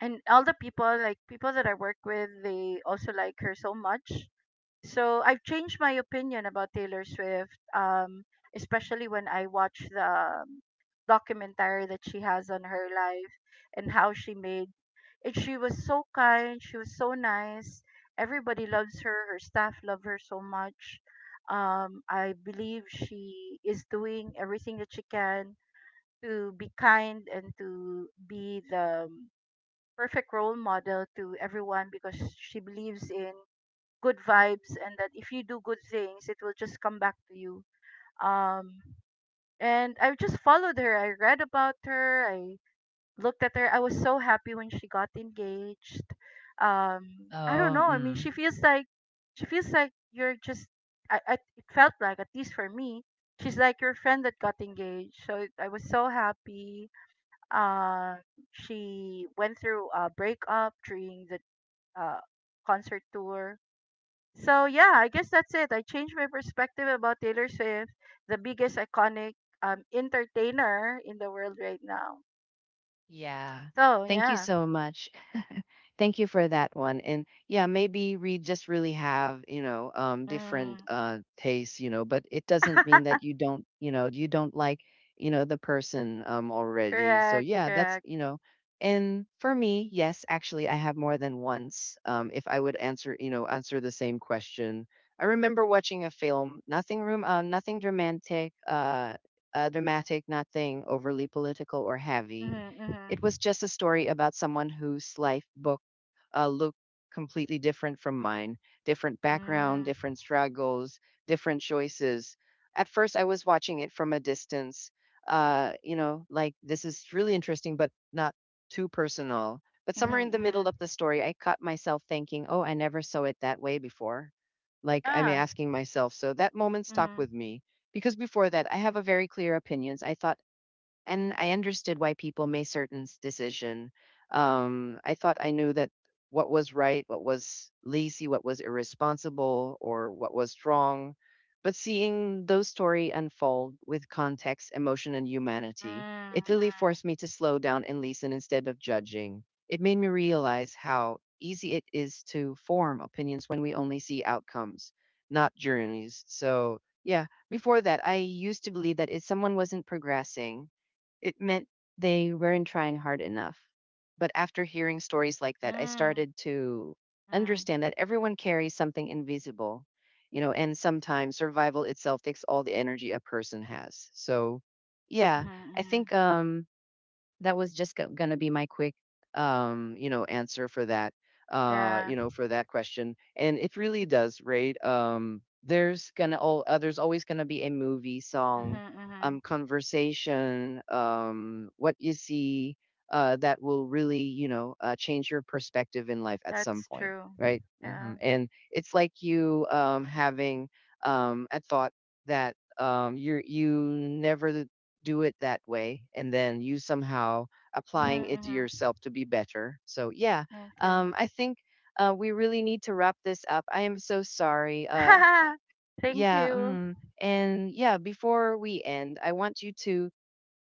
S2: and all the people, like people that I work with, they also like her so much. So I've changed my opinion about Taylor Swift, especially when I watch the um, documentary that she has on her life and how she made. And she was so kind. She was so nice. Everybody loves her. Her staff love her so much. I believe she is doing everything that she can to be kind and to be the perfect role model to everyone, because she believes in good vibes and that if you do good things it will just come back to you um and I just followed her. I read about her. I looked at her. I was so happy when she got engaged um I don't
S1: Oh.
S2: know, I mean,
S1: Mm.
S2: she feels like I it felt like, at least for me, she's like your friend that got engaged. So I was so happy. uh she went through a breakup during the uh concert tour. So yeah, I guess that's it. I changed my perspective about Taylor Swift, the biggest iconic entertainer in the world right now.
S1: Yeah.
S2: So
S1: Thank you
S2: yeah.
S1: so much. Thank you for that one. And yeah, maybe we just really have, you know, different,
S2: Mm.
S1: tastes, you know, but it doesn't mean that you don't, you know, you don't like, you know, the person, already. So
S2: Correct,
S1: yeah, that's,
S2: correct.
S1: you know. And for me, yes, actually, I have more than once. If I would answer, you know, answer the same question, I remember watching a film, nothing dramatic, nothing overly political or heavy.
S2: Mm-hmm,
S1: It
S2: mm-hmm.
S1: was just a story about someone whose life book look completely different from mine, different background,
S2: Mm,
S1: different struggles, different choices. At first, I was watching it from a distance, you know, like this is really interesting, but not too personal. But
S2: mm-hmm,
S1: somewhere in the
S2: mm-hmm.
S1: middle of the story, I caught myself thinking, oh, I never saw it that way before. Like I'm
S2: Yeah.
S1: asking myself. So that moment stuck
S2: Mm-hmm.
S1: with me because before that, I have a very clear opinions. I thought and I understood why people made certain decision. I thought I knew that what was right, what was lazy, what was irresponsible, or what was wrong. But seeing those story unfold with context, emotion, and humanity, it
S2: Mm,
S1: really forced me to slow down and listen instead of judging. It made me realize how easy it is to form opinions when we only see outcomes, not journeys. So, yeah, before that, I used to believe that if someone wasn't progressing, it meant they weren't trying hard enough. But after hearing stories like
S2: mm,
S1: that, I
S2: mm,
S1: started to
S2: mm,
S1: understand that everyone carries something invisible, you know, and sometimes survival itself takes all the energy a person has. So, yeah,
S2: mm-hmm,
S1: I
S2: mm-hmm.
S1: think that was just gonna be my quick, you know, answer for that,
S2: Yeah.
S1: you know, for that question. And it really does, right? There's always gonna be a movie,
S2: Mm-hmm,
S1: song,
S2: mm-hmm.
S1: conversation, what you see, that will really, you know, change your perspective in life at some
S2: That's
S1: point,
S2: true.
S1: right?
S2: Yeah.
S1: And it's like you, having, a thought that, you never do it that way, and then you somehow applying
S2: Mm-hmm,
S1: it to
S2: mm-hmm.
S1: yourself to be better. So yeah,
S2: Okay.
S1: I think, we really need to wrap this up. I am so sorry.
S2: Thank
S1: Yeah.
S2: you.
S1: Mm. And yeah, before we end, I want you to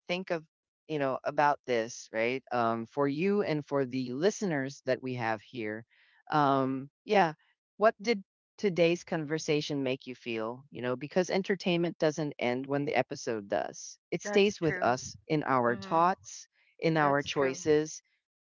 S1: think of, you know, about this, right? For you and for the listeners that we have here, yeah, what did today's conversation make you feel, you know, because entertainment doesn't end when the episode does. It
S2: That's
S1: stays with
S2: true.
S1: us in our
S2: Mm-hmm.
S1: thoughts, in our
S2: That's true.
S1: choices,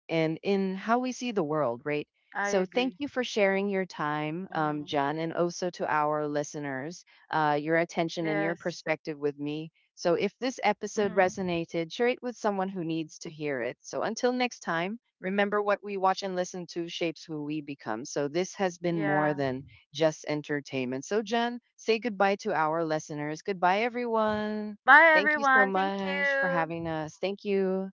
S1: and in how we see the world, right?
S2: I
S1: So thank
S2: agree.
S1: you for sharing your time,
S2: Mm.
S1: John, and also to our listeners, your attention and your
S2: Yes.
S1: perspective with me. So if this episode
S2: Mm.
S1: resonated, share it with someone who needs to hear it. So until next time, remember what we watch and listen to shapes who we become. So this has been more
S2: Yeah.
S1: than just entertainment. So John, say goodbye to our listeners. Goodbye, everyone.
S2: Bye,
S1: Thank you so
S2: everyone. Thank
S1: much for
S2: you.
S1: having us. Thank you.